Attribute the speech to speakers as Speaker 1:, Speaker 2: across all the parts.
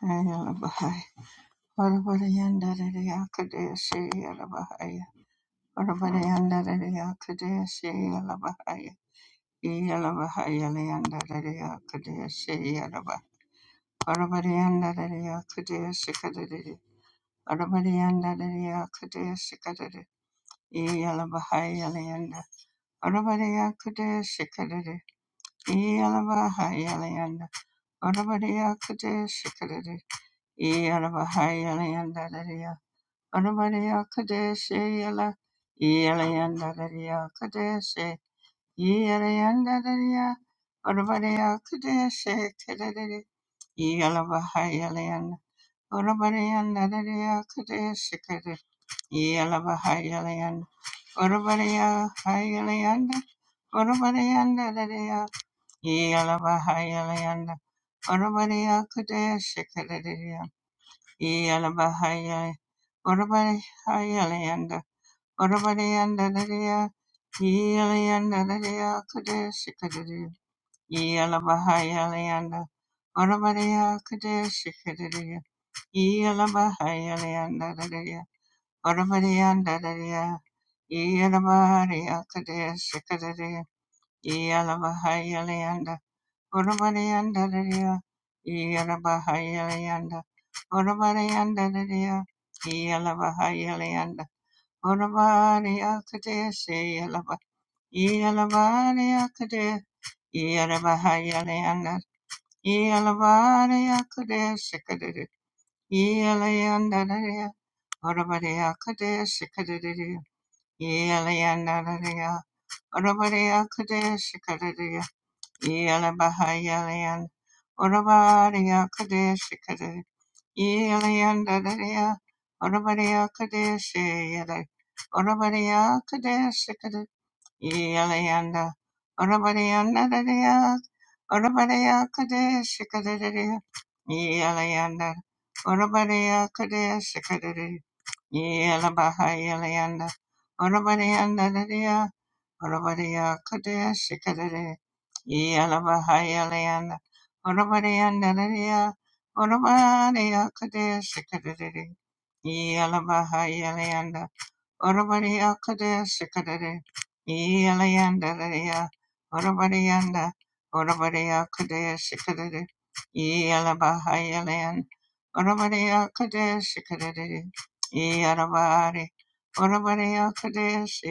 Speaker 1: Ayala Bahai. Parabarayanda Yakadesi yala Ayalabahai. Varavarayandararyakadesi yalabahaya. Varavarayandararyakadesi yalabahaya. Yalabahayalayandarararyakadesi yalabah. Varavarayandararyakadesi kadadidi. Varavarayandararyakadesi kadadi. Yalabahayalayanda. Varavarayakadesi kadadi. Yalabahayalayanda. Varavarayakadesi kadadi. Yalabahayalayandararyakadesi Ora Maria Kadesh yala Yela Yanda Daria Kadesh Yela Yanda Daria Ora Maria Kadesh Kadari Yela Baha Yela Yanda Ora Maria Daria Kadesh Kadari Yela Baha Yela Yanda Ora Maria Yela Yanda Ora Maria Daria yala Baha Yela Yanda Ora Maria Kadesh Kadari yala Baha Yela Ora Maria Yela Urabadiyandaladaya, Yelayandaladaya, Kadeshikadadaya, Yelabahayalayanda, Urabadiya, Kadeshikadadaya, Yelabahayalandaladaya, Urabadiyandaladaya, Yelabahaya, Kadeshikadadaya, Yelabahayalayanda, Urabadiyandaladaya, Yelabahayalayanda, Urabadiyandaladaya, Yelabahayalayanda, Orabari akde se yalaba, yalabari akde, yalabahayale yanda, yalabari akde se kadere, yale yanda dere, orabari akde se kadere, yale yanda dere, orabari akde se kadere, yalabahayale yanda, orabari akde se kadere, yale yanda dere, orabari akde se yale, orabari akde se Yelanda, Orabarayanda Dadaya, Orabaraya Kadesh Kadadaya, Yelanda, Orabaraya Kadesh Kadadaya, Yelabaha Yelanda, Orabarayanda Dadaya, Orabaraya Kadesh Kadadaya, Yelabaha Yelanda, Orabarayanda Dadaya, Orabaraya Kadesh Kadadaya, Yelabaha Orabariya Kadesh Kadere Elayanda Raya Orabariyanda Orabariya Kadesh Kadere Elabahayalan Orabariya Kadesh Kadere Earabari Orabariya Kadesh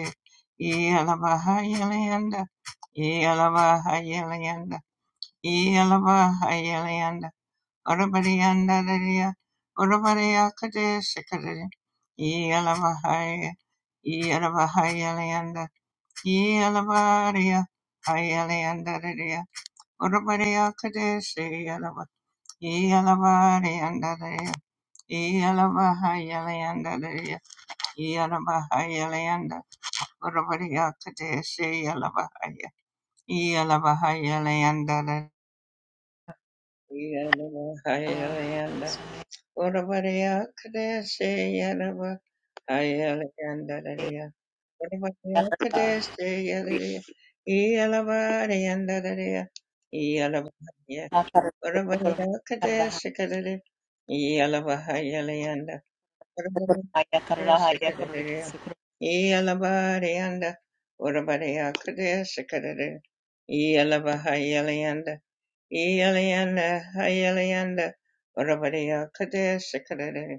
Speaker 1: Elabahayalayanda Elabahayalayanda Elabahayalayanda Orabariandararia, Orabariakade Sikade, Yelavahaya, Yelavahayalianda, Yelavaria, Hayaliandararia, Orabariakade Siyalava, Yelavariandararia, Yelavahayaliandararia, Yelavahayalianda, Orabariakade Siyalavahaya, Yelavahayaliandararia, Yelavahayalianda. Urabariya Kadeshi Yaraba Ayalayandaraya. Urabariya Kadeshi Yaraya. Iyalabariyandaraya. Iyalabahaya. Urabariya Kadeshi Kadare. Iyalabahayalayanda. Urabariya Kadeshi Kadare.
Speaker 2: Karada
Speaker 1: Iyalabariyanda. Urabariya Kadeshi Kadare. Iyalabahayalayanda. Iyalayanda Hayalayanda. Urabariya Kadeshi Kadare.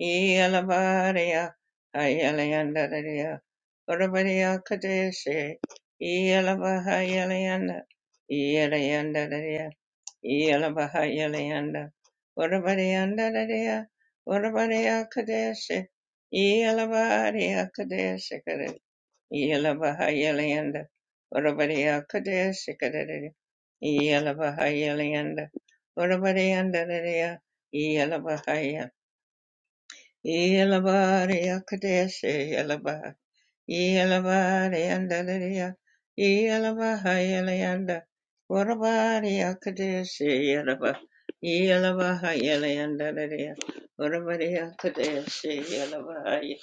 Speaker 1: Iyalavaria, Ayalandaria, Varavaria Kadeshi, Iyalavahayalayanda, Iyalandaria, Iyalavahayalayanda, Varavariandaria, Varavaria Kadeshi, Iyalavaria Kadeshi, Iyalavahayalayanda, Varavaria Kadeshi, Iyalavahayalayanda, Varavariandaria, Iyalavahaya. Yelabari Akadesi, Yelaba Yelabariyandaliya, Yelabahayalayanda, Urabariakadeshi, Yelaba, Yelabahayalayandaliya, Urabariakadeshi, Yelabahaya,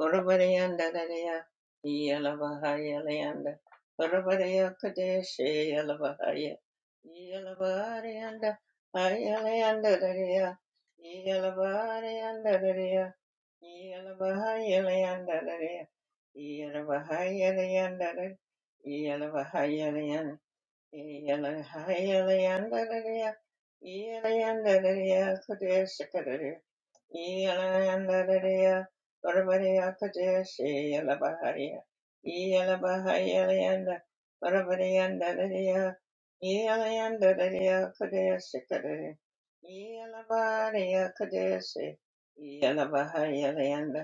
Speaker 1: Urabariyandaliya, Yelabahayalayanda, Urabariakadeshi, Yelabahaya, Yelabariyanda, Hayalayandaliya, Yelabariyandaliya, Yelabahayalayandaliya, yeah. Iyalayandaraya, Varabariya Kadeshi, Yalabahariya, Iyalabahayalayanda, Varabariyandaraya, Iyalayandaraya Kadeshi Kadari, Iyalabariya Kadeshi, Iyalabahayalayanda,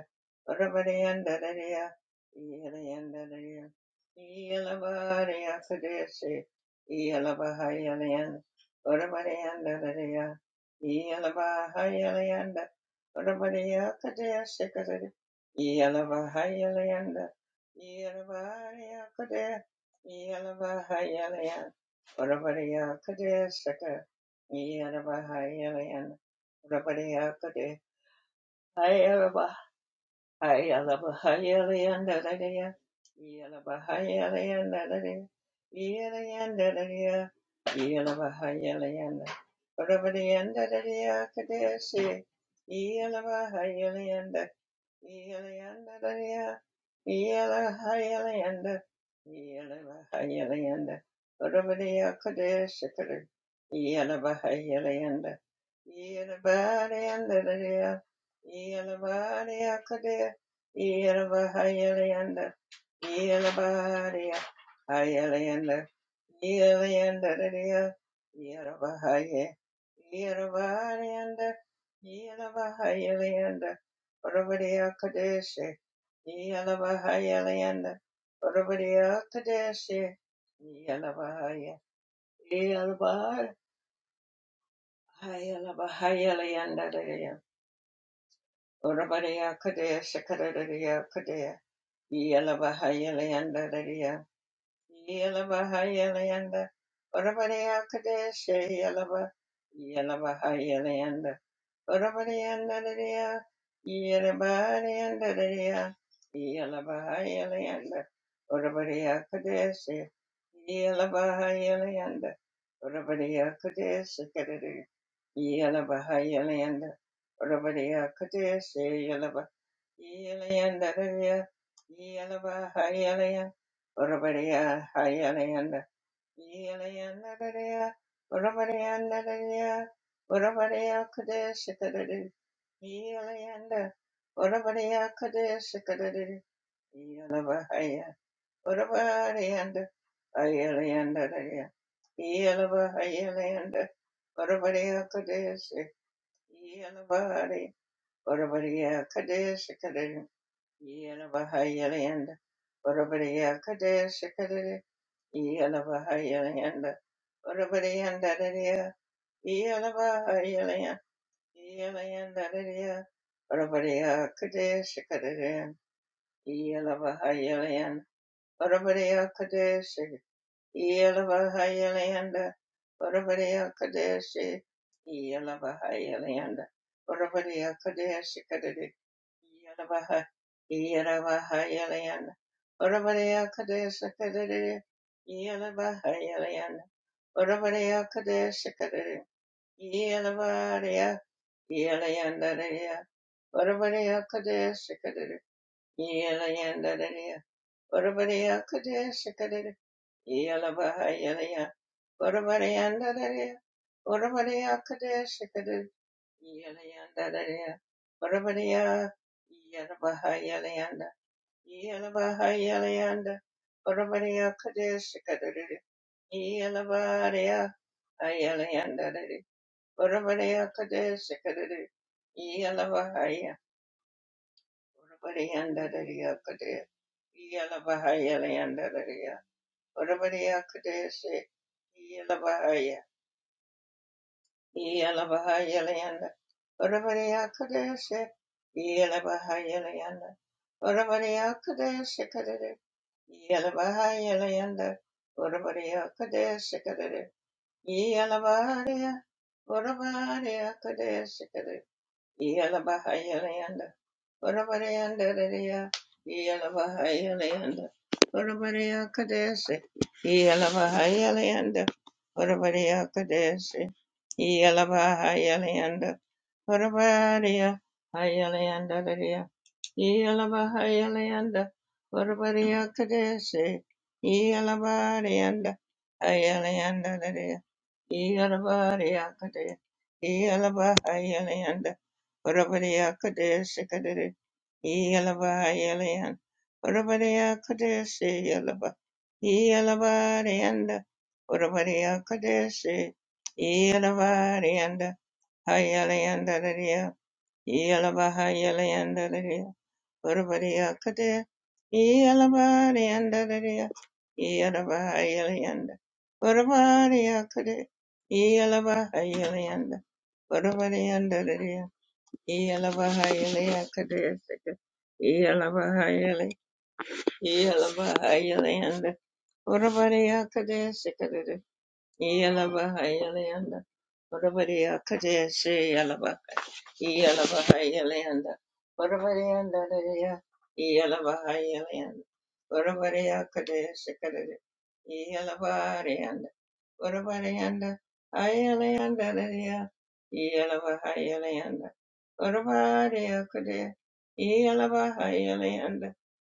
Speaker 1: Varabariyandaraya, Iyalayandaraya, Iyalabariya Kadeshi, Iyalabahayalayanda, Varabariyandaraya, Orabariya Kadaya Sikadaya Yalavahayalayanda Yalavaharia Kadaya Yalavahayalayanda Orabariya Kadaya Sika Yalavahayalayanda Orabariya Kadaya Hayalavahayalayanda Dadaya Yalavahayalayanda Dadaya Yalayanda Dadaya Yalavahayalayanda Orabariyanda Dadaya Kadaya Sikadaya yeah, Yelabahayalanda, Orabariya Kadeshi, Yalabahaya Layanda, Orabariya Kadeshi, Yalabahaya, Yalabahaya, Yalabahaya Layanda, Orabariya Kadeshi, Kadariya Kadea, Yalabahaya Layanda, Yalabahaya Layanda, Orabariya Kadeshi, Yalaba, Yalabahaya Leanda. Yalabahayalanda, Ora bara ya kadesi kadesi, Yolanda, Orabariya Kadesha Kadari, Yolabahaya, Orabarianda, Ayalanda, Yolabahayalanda, Orabariya Kadesha, Yolabari, Orabariya Kadesha Kadari, Yolabahayalanda, Orabariya Kadesha Kadari, Yolabahayalanda, Orabarianda, Yolabahayalanda, Yolanda, Orabariya Kadesha Kadari, Yelavahayalayan, Varavareya Kadeshi, Yelavahayalayanda, Varavareya Kadeshi, Yelavahayalayanda, Varavareya Kadeshi Kadadi, Yelavaha, Yelavahayalayanda, Varavareya Kadeshi Kadadi, Yelavahayalayanda, Varavareya Kadeshi Kadadi, Yelavareya, Yelayanda, Varavareya Kadeshi Kadadi, Yelayanda, Orabariya Kadesha Kadere Yalabaha Yalaya Orabariyandadariya Orabariya Kadesha Kadere Yalayandadariya Orabariya Yalabaha Yalayanda Yalabaha Yalayanda Orabariya Kadesha Kadere Yalabariya Ayalayandadari Orabariya Kadesha Kadere Yalabahaya Orabariyandadariya Kadere Yalabaha Yalayandadariya Yelabahaya, Yelabahaya Leanda, Urabariya Kadesha, Yelabahaya Leanda, Urabariya Kadesha Kadere, Yelabahaya Leanda, Urabariya Kadesha Kadere, Yelabahaya, Urabariya Kadesha Kadere, Yelabahaya Leander. Orabarayanda Raya Yalavahayalayanda Orabaraya Kadesi Yalavahayalayanda Orabaraya Kadesi Yalavahayalayanda Orabaraya Hayalayanda Raya Yalavahayalayanda Orabaraya Kadesi Yalavarayanda Hayalayanda Iyalabariyakadaya, Iyalabahayalayanda, Varavariyakadaya Sikadere, Iyalabahayalayan, Varavariyakadaya Siyalaba, Iyalabariyanda, Varavariyakadaya Si- Iyalabariyanda, Hayalayanda Dariya, Iyalabahayalayanda Urvariyakade, Iyalavariyandadariya, Iyalavahayalayanda, Urvariyakade, Iyalavahayalayanda, Urvariyandadariya, Iyalavahayalayakade, Iyalavahayalay, Iyalavahayalayanda, Urvariyakade, Iyalaba Ireland, Whatabody Kadeshi Yalaba, Iyalaba Ireland, Whatabody and Dadadia, Iyalaba Ireland, Whatabody Kadeshi Kadadi, Iyalaba Ireland, Whatabody and Ireland Dadadia, Iyalaba Ireland, Whatabody Kadeshi, Iyalaba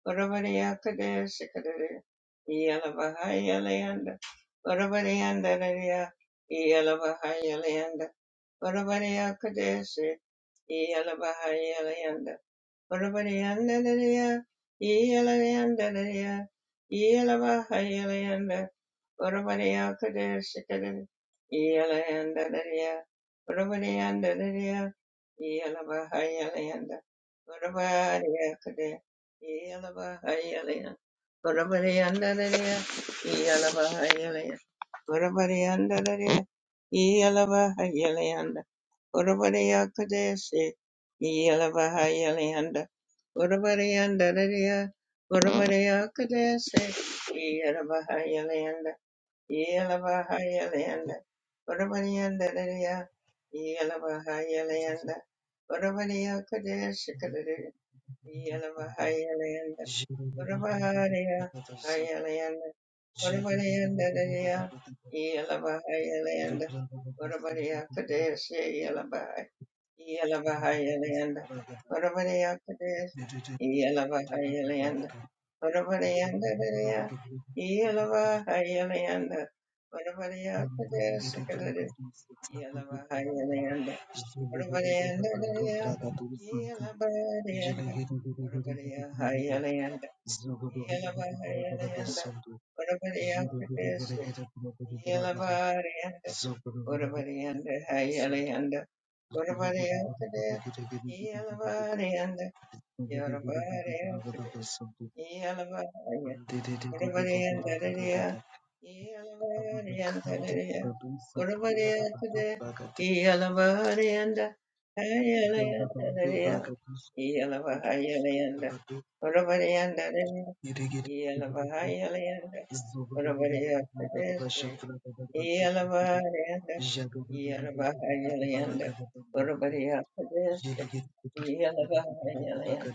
Speaker 1: Orabariyakadaya sikadaya. Iyalabahayalayanda. Orabariyandadaya. Iyalabahayalayanda. Orabariyakadaya si- Iyalabahayalayanda. Orabariyandadaya. Iyalayandadaya. Iyalabahayalayanda. Urvariya Kadeshikadin, Eeyalayandadariya, Urvariyandadariya, Eeyalabahayalayanda, Urvariya Kade, Eeyalabahayalayanda, Urvariyandadariya, Eeyalabahayalayanda, Urvariyandadariya, Eeyalabahayalayanda, Urvariya Kadeshi, Eeyalabahayalayanda, Urvariyandadariya, Urvariya Kadeshi, Eeyalabahayalayanda,
Speaker 3: Zulu
Speaker 1: Yelavahayalanda, Uravaniyandaraya, Yelavahayalanda, Uravaniyakodeshakadari, Yelavahayalanda, Uravahariya, Hayalanda, Uravaniyandaraya, Yelavahayalanda, Uravaniyakodeshe, Iyalabahayalanda, Varavareyakades, Iyalabahayalanda, Varavareyandadadaya, Iyalabahayalanda, Varavareyakades, Sakadades, Iyalabahayalanda, Varavareyandadadaya, Iyalabareyanda, Varavareyahayalanda, Iyalabahayalanda, Varavareyakades, Iyalabareyanda, Varavareyandahayalanda,
Speaker 3: Jagada
Speaker 1: Yorubare akde, yalabare anda, yorubare akde, yalabare, yorubare anda deya, yalabare anda deya, yorubare akde, yalabare anda, hayale anda deya, yalabare hayale anda, yorubare anda deya, yalabare hayale anda, yorubare akde, yalabare anda. Yelabahayalayanda, Urabadiya
Speaker 3: Zubra
Speaker 1: Padesta, Yelabahayalayanda,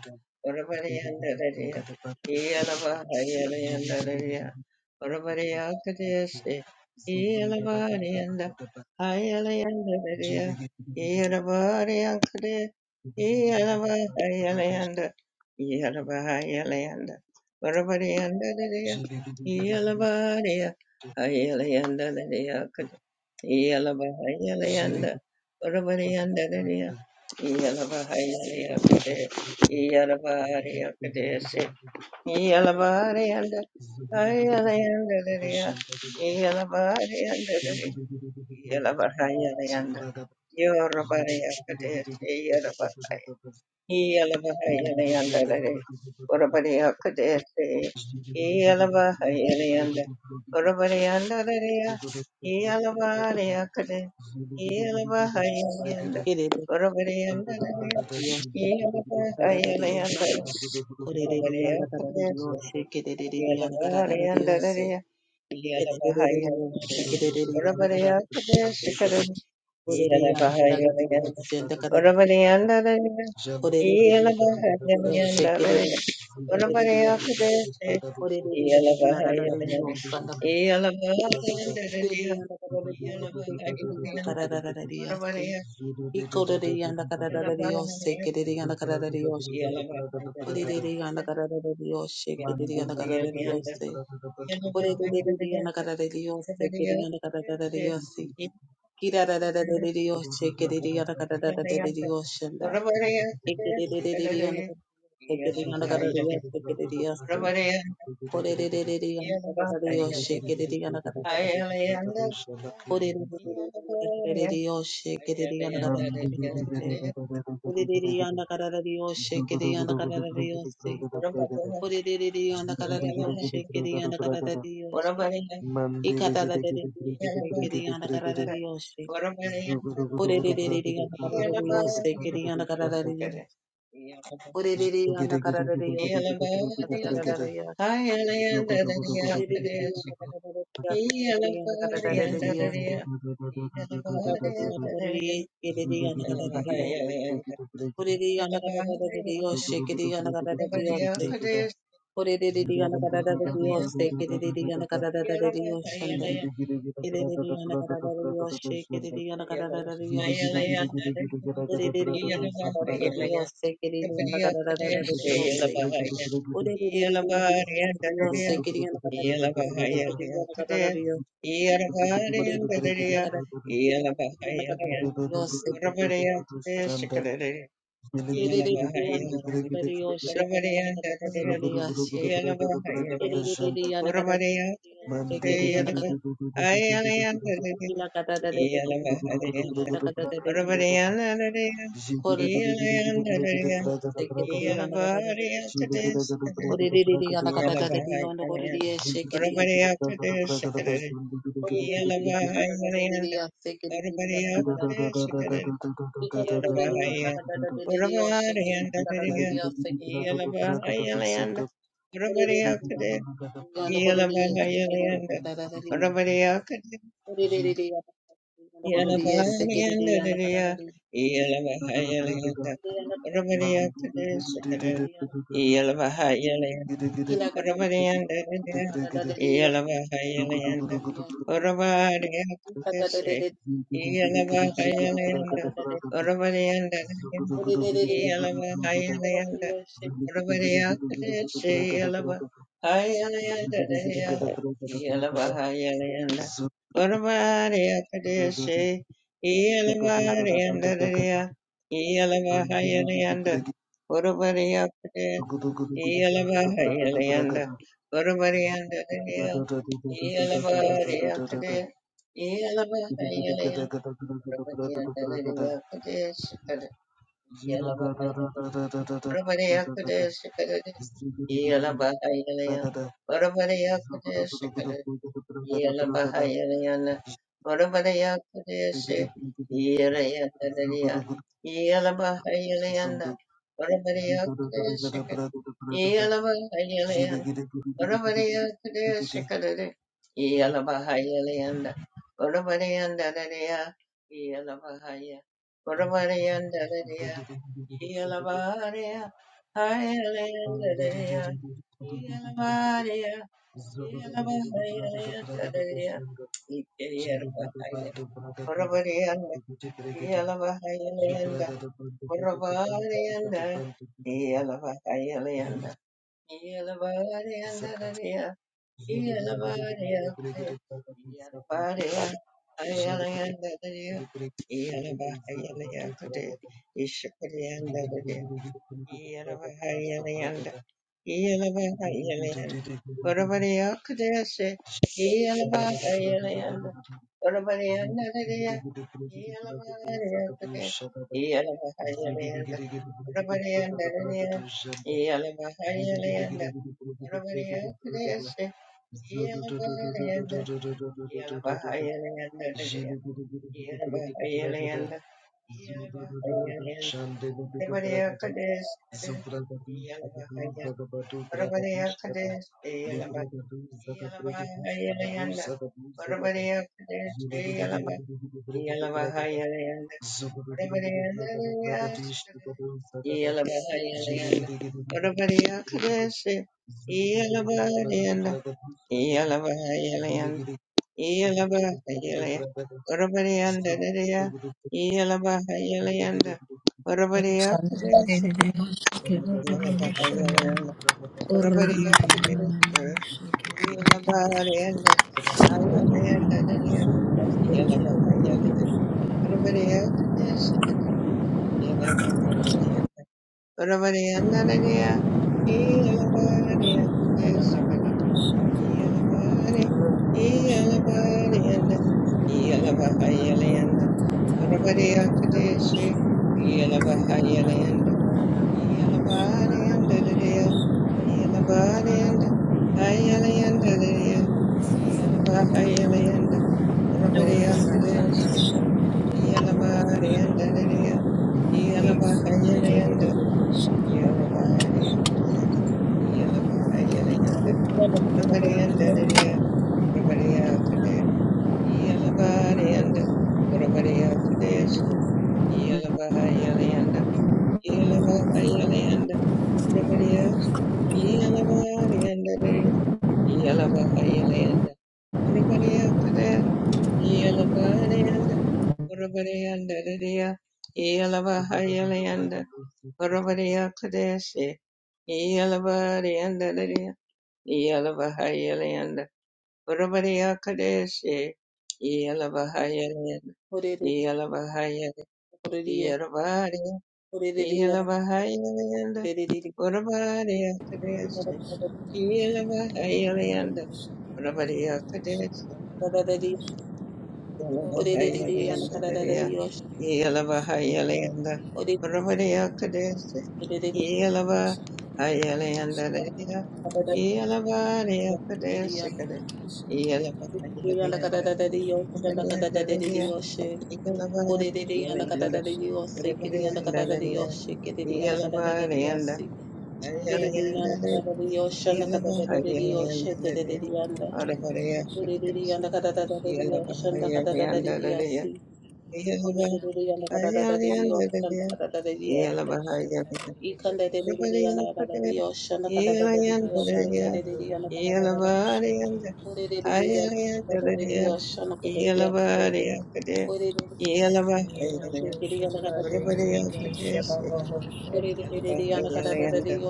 Speaker 1: Urabadiyanda Dadiya, Yelabahayalayanda Dadiya, Urabadiya Padesta, Yelabadiyanda, Hayalayanda Dadiya, Yelabadiya Padesta, Yelabahayalayanda, Yelabahayalayanda, Urabadiyanda Dadiya, Yelabadiya, Hayalayanda Iyalabahayalanda, Varavariyandadariya, Iyalabahayaliyakade, Iyalabahariyakadesi, Iyalabahariyanda, Hayalayandadariya, Iyalabahariyandadari, Iyalabahayalayanda,
Speaker 3: Zulu
Speaker 1: Yorabariyakadesi, yeah.
Speaker 4: He coded the yanda carada de Dios, se
Speaker 1: Yalabariyandararia, Yalabahayalanda, Orabariyakadaya Shikarada, Yalabahayalanda, Orabariyandararia,
Speaker 3: Jalo Bragada
Speaker 1: Yalabahayalanda, Orabariyakadaya Shi- Yalabahayalanda, Yalabariyandararia, Yalabahayalanda, Orabariyakadaya, Yalabahayalanda,
Speaker 4: quedé yanda carada de Dios, Ore
Speaker 1: Yalabahayalanda,
Speaker 4: Orerere yana kararere yoshe kerere yana kararere yose. Orerere yana
Speaker 1: Yalabahayalanda,
Speaker 4: kararere yose kerere yana kararere yose. Kirarararere yoshe kerere yana kararere yoshe nda. Ekerere yana kararere kerere yana
Speaker 3: Zugu
Speaker 4: kararere yose kerere yose. Korerere yana kararere
Speaker 3: Zugudu
Speaker 4: yoshe kerere yana kararere yose. Orerere yana kararere yoshe kerere yana kararere yose. Orerere yana kararere yoshe kerere yana kararere yose. Ore re re re yanda kara re yoshe kere yanda kara re re yoshe. Ikata re re re yoshe kere yanda kara re re yoshe.
Speaker 1: What about
Speaker 4: ore
Speaker 1: it?
Speaker 4: re re re yanda kara
Speaker 1: Yeah.
Speaker 4: re re yoshe kere yanda kara re re yoshe. ore re re yanda kara re re yoshe kere yanda kara
Speaker 3: Ziggy
Speaker 4: re re yoshe. ore Orererereyanda karariyoshe, ore kararariyoshe, ikatararariyoshe, kereyanda kararariyoshe, orererereyanda kararariyoshe, kereyanda kararariyoshe, orererereyanda kararariyoshe, kereyanda kararariyoshe, orererereyanda ore kereyanda kararariyoshe, kararariyanda orereye, kereyanda kararariyoshe, orerereyanda kararariyoshe, kereyanda kararariyoshe, orererereyanda kararariyoshe, kereyanda kararariyoshe, Yoshe,
Speaker 1: Everybody up in there, say, "Yalla bahaya,
Speaker 3: Ziggy,
Speaker 4: Kila katata de de de de kila la katata de de kore de se kiri de yana katata de
Speaker 1: Yalabari after this,
Speaker 4: ore de de de yana katata de de yana kore
Speaker 1: Yalabari,
Speaker 4: de se kiri yana
Speaker 1: everybody after
Speaker 4: katata de de
Speaker 1: this,
Speaker 4: se ore de de de
Speaker 1: Yalabari,
Speaker 4: yana katata de de
Speaker 1: and
Speaker 4: ya se kiri de de
Speaker 1: everybody
Speaker 4: yana
Speaker 1: after
Speaker 4: katata
Speaker 1: this,
Speaker 4: i kore de de
Speaker 1: Yalabari, everybody
Speaker 4: yana
Speaker 1: and
Speaker 4: katata de de yo se
Speaker 1: Yalabari,
Speaker 4: kiri
Speaker 1: and
Speaker 4: yana katata de yo se kiri yana
Speaker 1: everybody after this, Yalabari, and
Speaker 4: ore de
Speaker 1: everybody
Speaker 4: de
Speaker 1: after
Speaker 4: yana
Speaker 1: this,
Speaker 4: yana kore de
Speaker 1: Yalabari,
Speaker 4: se kiri
Speaker 1: and
Speaker 4: yana katata de
Speaker 1: Yalabari, and
Speaker 3: Zugu
Speaker 4: ore de de yana yana kore de se kiri yana katata de
Speaker 1: everybody after this, Yalabari,
Speaker 4: Kila kada kada
Speaker 1: Orabariyandadada,
Speaker 4: kada dadiya kada
Speaker 1: iyalabahayalayanda,
Speaker 4: dadiya kada
Speaker 1: orabariyakadashe,
Speaker 4: dadiya kada
Speaker 1: iyalabahayalayanda,
Speaker 4: dadiya
Speaker 1: orabariyandadada,
Speaker 4: ore re re re kada
Speaker 1: iyalabahayalayanda,
Speaker 4: dadiya se
Speaker 1: orabariyakadashe, iyalabahayalayandadada, iyalabahayalayanda, orabariyakadashe, iyalabariyandadada, iyalabahayalayanda, orabariyakadashe, Iyalabariyanda, Gurubariyanda,
Speaker 3: Zugu
Speaker 1: Iyalabariyakade, Iyalabariyanda, Gurubariyanda, Iyakade, Shikade, Iyalabariyanda, Gurubariyakade, Shikade, Iyalabariyanda, Gurubariyakade, Shikade, Iyalabariyanda, Gurubariyakade, Shi- Iyalabariyanda, Iyalabariyanda, Gurubariyakade, Shikade, Oravareyakadaya shikadade. Iyalabahaya leyanda. Oravareyanda dadaya. Iyalabahaya. Oravareyanda dadaya. Iyalabahareya. Haya leyanda dadaya. Iyalabahareya. Iyalabahaya leyanda dadaya.
Speaker 3: Zulu
Speaker 1: Ikeyalabahaya. Oravareyanda. Iyalabahaya leyanda. Oravareyanda. Iyalabahaya leyanda. Yeah.
Speaker 3: Zugudu Zobragadish, Zagadu, Zagabadu,
Speaker 1: Yalabah,
Speaker 3: Bragadish, Zaga, Libragadu, Zaga, Brigadu, Zagadu, Zagadu, Zagada, Zugu
Speaker 1: Iyalabahayalayanda, Iyalabahayalayanda, Orabariyandadariya, Iyalabahayalayanda, Orabariyakadashaka, Iyalabahayalayanda, Orabariyakadashe, Iyalabaharayanda, Ayalayandadariya, Iyalabahayalayanda, Orabariyakadashaka, Iyalabahayalayanda, Orabariyandadariya, Iyalabariyakadashaka, Iyalabari, Iyalabari,
Speaker 5: Thank
Speaker 1: and Iyalabahayalanda, Urabari Akadeshi, Iyalabahayalanda, Iyalabari and Didia, Iyalabari and Hayalanda, Didia, Iyalabahayalanda, Urabari Akadeshi, Iyalabari and Didia, Iyalabahayalanda,
Speaker 5: you.
Speaker 1: Iyalabari Akadeshi, Iyalabahayala yanda.
Speaker 4: ore re re kada kada
Speaker 1: Everybody and Lydia, everybody out today, Yellabody and everybody out today, Yellabahayalayanda, Yellabahayalayanda, everybody out, Yellabody and Lydia, Yellabahayalayanda, everybody out today, Yellabody and everybody and Lydia, Yellabahayalayanda, everybody out today, Yellabahayalayanda, Urabariya Kadeshi, Yelavahayalanda,
Speaker 4: dadiya ore re
Speaker 1: Yelavahayalanda,
Speaker 4: ore re
Speaker 1: Yelavariya,
Speaker 4: ore re
Speaker 1: Yelavahayalanda,
Speaker 4: re
Speaker 1: Urabariya
Speaker 4: kada dadiya
Speaker 1: Kadeshi,
Speaker 5: Thank
Speaker 1: Yelavahayalanda, Urabariya Kadeshi,
Speaker 4: kada dadiya ore re re re
Speaker 1: Yelavahayalanda,
Speaker 4: kada dadiya
Speaker 1: Yelavahayalanda, Urabariya Kadeshi,
Speaker 4: ore
Speaker 1: Yelavahayalanda,
Speaker 4: re re re kada dadiya ore re
Speaker 1: Yelavariya
Speaker 4: re
Speaker 1: Kadeshi,
Speaker 4: re
Speaker 1: Yelavahayalanda,
Speaker 4: kada dadiya kada dadiya kada
Speaker 1: Yalavariyandalariya,
Speaker 4: dadiya
Speaker 1: Yalavara,
Speaker 4: Korerere yanda
Speaker 1: Yalayanda,
Speaker 4: katarere yose, kiri yanda katarere
Speaker 1: Yalavariyandalariya,
Speaker 4: yoshe, kiri yanda katarere
Speaker 5: you.
Speaker 1: Yalavariyanda,
Speaker 4: yose. Kerere yanda
Speaker 1: Yalavariyandalariya,
Speaker 4: katarere yoshe, yanda
Speaker 1: Yalavara,
Speaker 4: katarere yoshe, terere
Speaker 1: Yalayandalariya,
Speaker 4: yanda.
Speaker 1: Yalavariya,
Speaker 4: Korerere yanda katarere
Speaker 1: Yalavara,
Speaker 4: yoshe, yanda katarere
Speaker 1: Yalayandalariya, Yalavara, Yalayandalariya,
Speaker 4: yose. Korerere yanda katarere yoshe, yanda katarere yose.
Speaker 1: Yalavara, Yalayandalariya, Yalayandalariya,
Speaker 4: Ikanderere yanda katarere yoshe, yanda katarere yose, kerere yanda katarere.
Speaker 1: Yalavariyanda,
Speaker 4: Korerere yanda katarere
Speaker 1: Yalayandalariya,
Speaker 4: yoshe, yanda katarere yose.
Speaker 1: Yalavariya,
Speaker 4: Korerere yanda katarere yoshe,
Speaker 1: Yalavara,
Speaker 4: kere yanda katarere
Speaker 1: Yeah.
Speaker 4: yose. Kore Yoshe, dererere yana kadada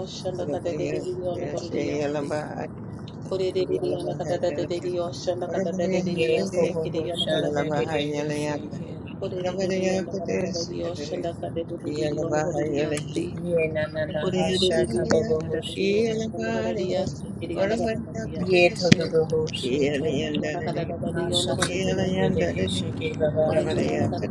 Speaker 5: Ye kobo ho shan de de de he shake. Ye na na na ha shaka bobo ho shake. Yeh thoda thoda ho, shekhi naasha thoda thoda de de he shekhi gavaasam,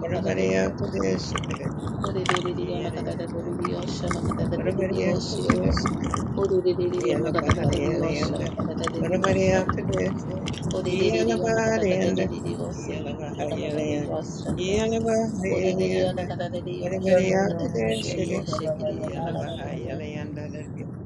Speaker 1: Oramaria
Speaker 4: yoshe,
Speaker 1: Kudeshikare
Speaker 4: Orererere ana
Speaker 1: Yelayanda
Speaker 4: kadadadadere yosha ana kadadadadere
Speaker 1: Oramaria
Speaker 4: yoshe.
Speaker 1: Kudeshikare
Speaker 4: Orererere ana kadadadadere yosha
Speaker 1: Yelabahayalayanda
Speaker 4: ana kadadadadere
Speaker 1: Oramaria
Speaker 4: yosan.
Speaker 1: Kudesh
Speaker 4: Orererere ana
Speaker 1: Yelabarianda
Speaker 4: kadadadadere yose kuri ana kadadadadere
Speaker 1: Yelabahayalayanda
Speaker 4: yosanda. Orerere
Speaker 1: Yelabahayalayanda
Speaker 4: ana kadadadadere yoshe
Speaker 1: Oramaria
Speaker 5: yelo
Speaker 4: ana
Speaker 5: na ho
Speaker 4: kadadadadere
Speaker 5: shekhi
Speaker 1: Kudesh
Speaker 4: yoshe
Speaker 5: gava na
Speaker 4: kiri ana kadadadadere
Speaker 5: naashe,
Speaker 4: yose.
Speaker 1: Yelabahayalayanda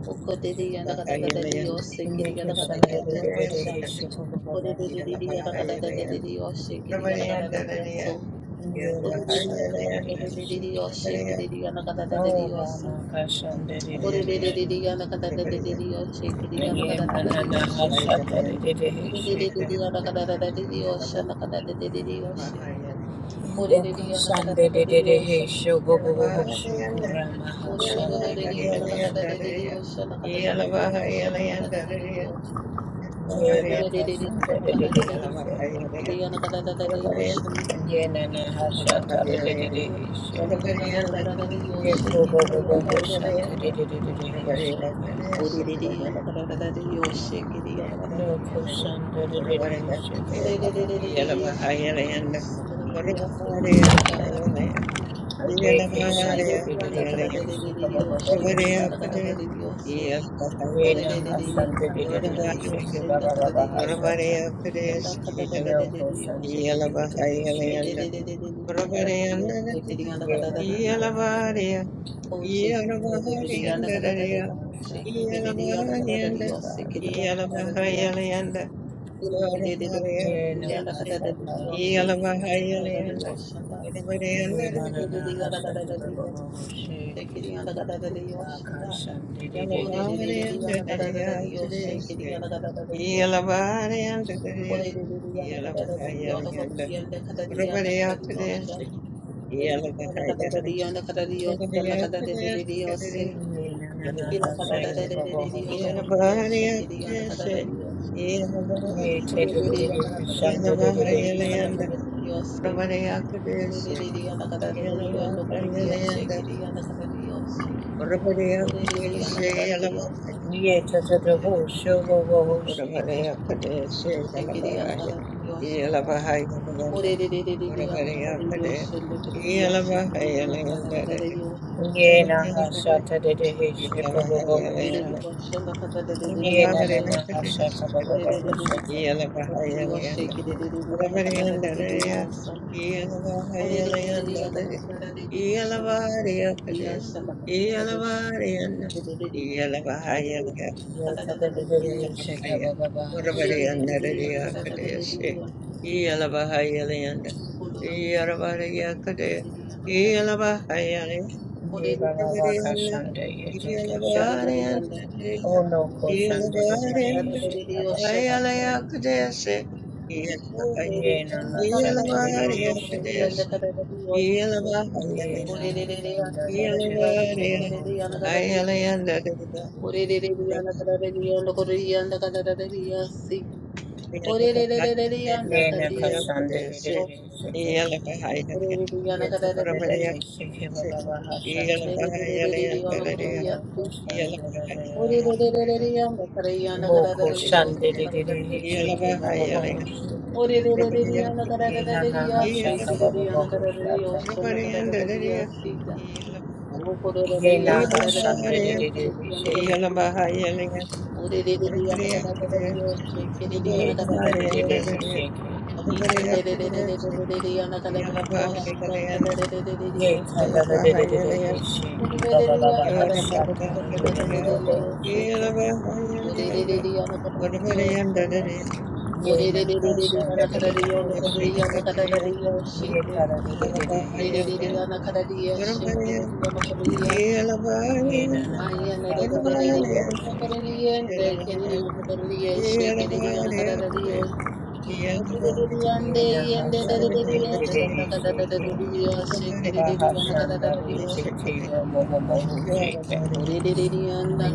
Speaker 4: Okorere ana kadadadadere
Speaker 1: Yelabahayalayanda
Speaker 4: yose kiri
Speaker 5: inekhe
Speaker 4: ana
Speaker 5: shan de
Speaker 1: Oramaria
Speaker 4: kadadadadere
Speaker 5: de de de
Speaker 4: yosanda.
Speaker 5: he she
Speaker 1: Kudeshikare
Speaker 5: ko ko ko ko,
Speaker 4: Orerere ana
Speaker 1: Yelabahayalayanda
Speaker 4: kadadadadere yoshe kiri ana
Speaker 1: Oramaria
Speaker 4: kadadadadere yoso.
Speaker 5: inekhe naashe
Speaker 4: Orerere ana
Speaker 5: de de de
Speaker 1: Yelabahayalayanda
Speaker 5: he she,
Speaker 4: kadadadadere yoshe kiri ana
Speaker 5: na
Speaker 4: kadadadadere yosan.
Speaker 1: Yeah.
Speaker 5: ramakshan de de de
Speaker 4: Ore de
Speaker 5: he
Speaker 4: de de de
Speaker 5: she,
Speaker 4: yana kada da de de de yoshe kiri yana
Speaker 5: inye
Speaker 4: kada da da
Speaker 5: mana
Speaker 4: de yoshe.
Speaker 5: naasha de de de
Speaker 4: ore
Speaker 5: he
Speaker 4: de de de
Speaker 5: she,
Speaker 4: de de yana kada da da de de yoshe yana kada da de de de yoshe. Kore de de yana
Speaker 5: ramakshan
Speaker 4: kada da
Speaker 5: de
Speaker 4: da
Speaker 5: de
Speaker 4: de
Speaker 5: de he
Speaker 4: yoshe.
Speaker 5: she ko ko ho she ko
Speaker 4: ore de de
Speaker 5: ramakshan
Speaker 4: de
Speaker 5: de de
Speaker 4: de
Speaker 5: de
Speaker 4: yana kada
Speaker 5: he
Speaker 4: da da de
Speaker 5: she.
Speaker 4: de yoshe yana kada da da de de yoshe yana kada da da de de yoshe.
Speaker 5: Ye
Speaker 4: ore
Speaker 5: na ka
Speaker 4: de de
Speaker 5: shanta
Speaker 4: de
Speaker 5: de
Speaker 4: yana
Speaker 5: de de
Speaker 4: kada
Speaker 5: heshe.
Speaker 4: da da de de yoshe kiri yana kada da da de yoshe yana.
Speaker 5: Ye na na ha shanta de
Speaker 4: ore
Speaker 5: de de
Speaker 4: de
Speaker 5: de heshe.
Speaker 4: de yana kada da da de
Speaker 5: Ye
Speaker 4: yoshe
Speaker 5: ko
Speaker 4: kiri yana kada da da de yoshe kiri yana
Speaker 5: bo
Speaker 4: kada da
Speaker 5: bo bo
Speaker 4: da de
Speaker 5: bo
Speaker 4: yoshe.
Speaker 5: shanta
Speaker 4: ore Huririya na kadadadadiyo
Speaker 1: Yeah.
Speaker 4: shikiriya na
Speaker 5: No ko
Speaker 4: kadadadiyo
Speaker 5: shanta de de de heshe ko
Speaker 4: Oh,
Speaker 5: bo bo
Speaker 4: Shake
Speaker 5: bo.
Speaker 4: it.
Speaker 5: Ye ke shanta de de de de heshe ko bo bo bo bo shanta. Ye na ha shanta de de No ko shanta de de de Ye na na na ha
Speaker 1: Ora Maria,
Speaker 5: Yeah, na na na,
Speaker 1: Padre,
Speaker 4: Yanda
Speaker 5: ha
Speaker 4: kada da da da
Speaker 5: shaka
Speaker 4: yo
Speaker 1: y
Speaker 4: shake it.
Speaker 1: alaba a
Speaker 4: Yanda kada da da
Speaker 1: Yolanda.
Speaker 4: yo shanda.
Speaker 1: Ora Maria, Anda, y alaba a Yolanda, Padre, y alaba a Yolanda, Padre, y alaba a Yolanda. Ora Maria, Padre, y alaba a Yolanda. Ora Maria, Padre, Padre, y alaba a Yolanda.
Speaker 5: ba
Speaker 1: Y alaba
Speaker 5: ba
Speaker 1: a Yolanda, Padre, y alaba a Yolanda, y alaba a Yolanda. Ora Maria, Padre, Yeah.
Speaker 4: Orereriana karareriyosha, riyoshe, shekeriyana karareriyoshanda. Orererereriyana karareriyosha, ndekereriyashe, kereriyana kararerereriyosha. Orererereriyana kararereriyoshanda, kararerereriyoshe.
Speaker 5: ba ba shaka.
Speaker 4: Orererereriyana kararereriyoshe, kereriyana
Speaker 1: Yeah.
Speaker 4: kararerereriyosanda. Orererereriyana kararereriyoshanda, kararerereriyashanda, kararerereriyoshe. Orererereriyana
Speaker 5: Ye takadadadada
Speaker 4: kararerereriyoshe.
Speaker 5: shaka baba ba
Speaker 4: Orererererereriyanda kadeyanda
Speaker 5: shandadadada. Ye baba ba ye take shata. O no ko shandadadada shaka baba hasa. Ye na na
Speaker 1: Yeah.
Speaker 5: shandadadada shaka. Ye na ha shanda ye take baba hasa.
Speaker 4: kadadadiyo.
Speaker 5: Ye na ka shandadadada shaka.
Speaker 4: Orerereriyanda
Speaker 5: Ye
Speaker 4: kadadadiyo.
Speaker 5: takadadada shaka baba ba
Speaker 4: Ikan
Speaker 5: hasa ta. no ko shandadadada hasa. Moko shande de de de he shake baba baba Ye na na ha shaka baba baba shaka. Ye na
Speaker 1: Yeah.
Speaker 5: ha shande de de de he shake. Ye kada de de de he shake. Ye kada de de de de he shake baba baba ha shaka de de de baba shake.
Speaker 4: Ore
Speaker 5: Ye na ha shande de de de he shake. Ye kada de de de he shake. Ye na na ha shaka baba baba shake. Ye na ha shande de
Speaker 1: Yeah.
Speaker 5: de de he shake. Baha Shandari Titi Romo Bobo Shake.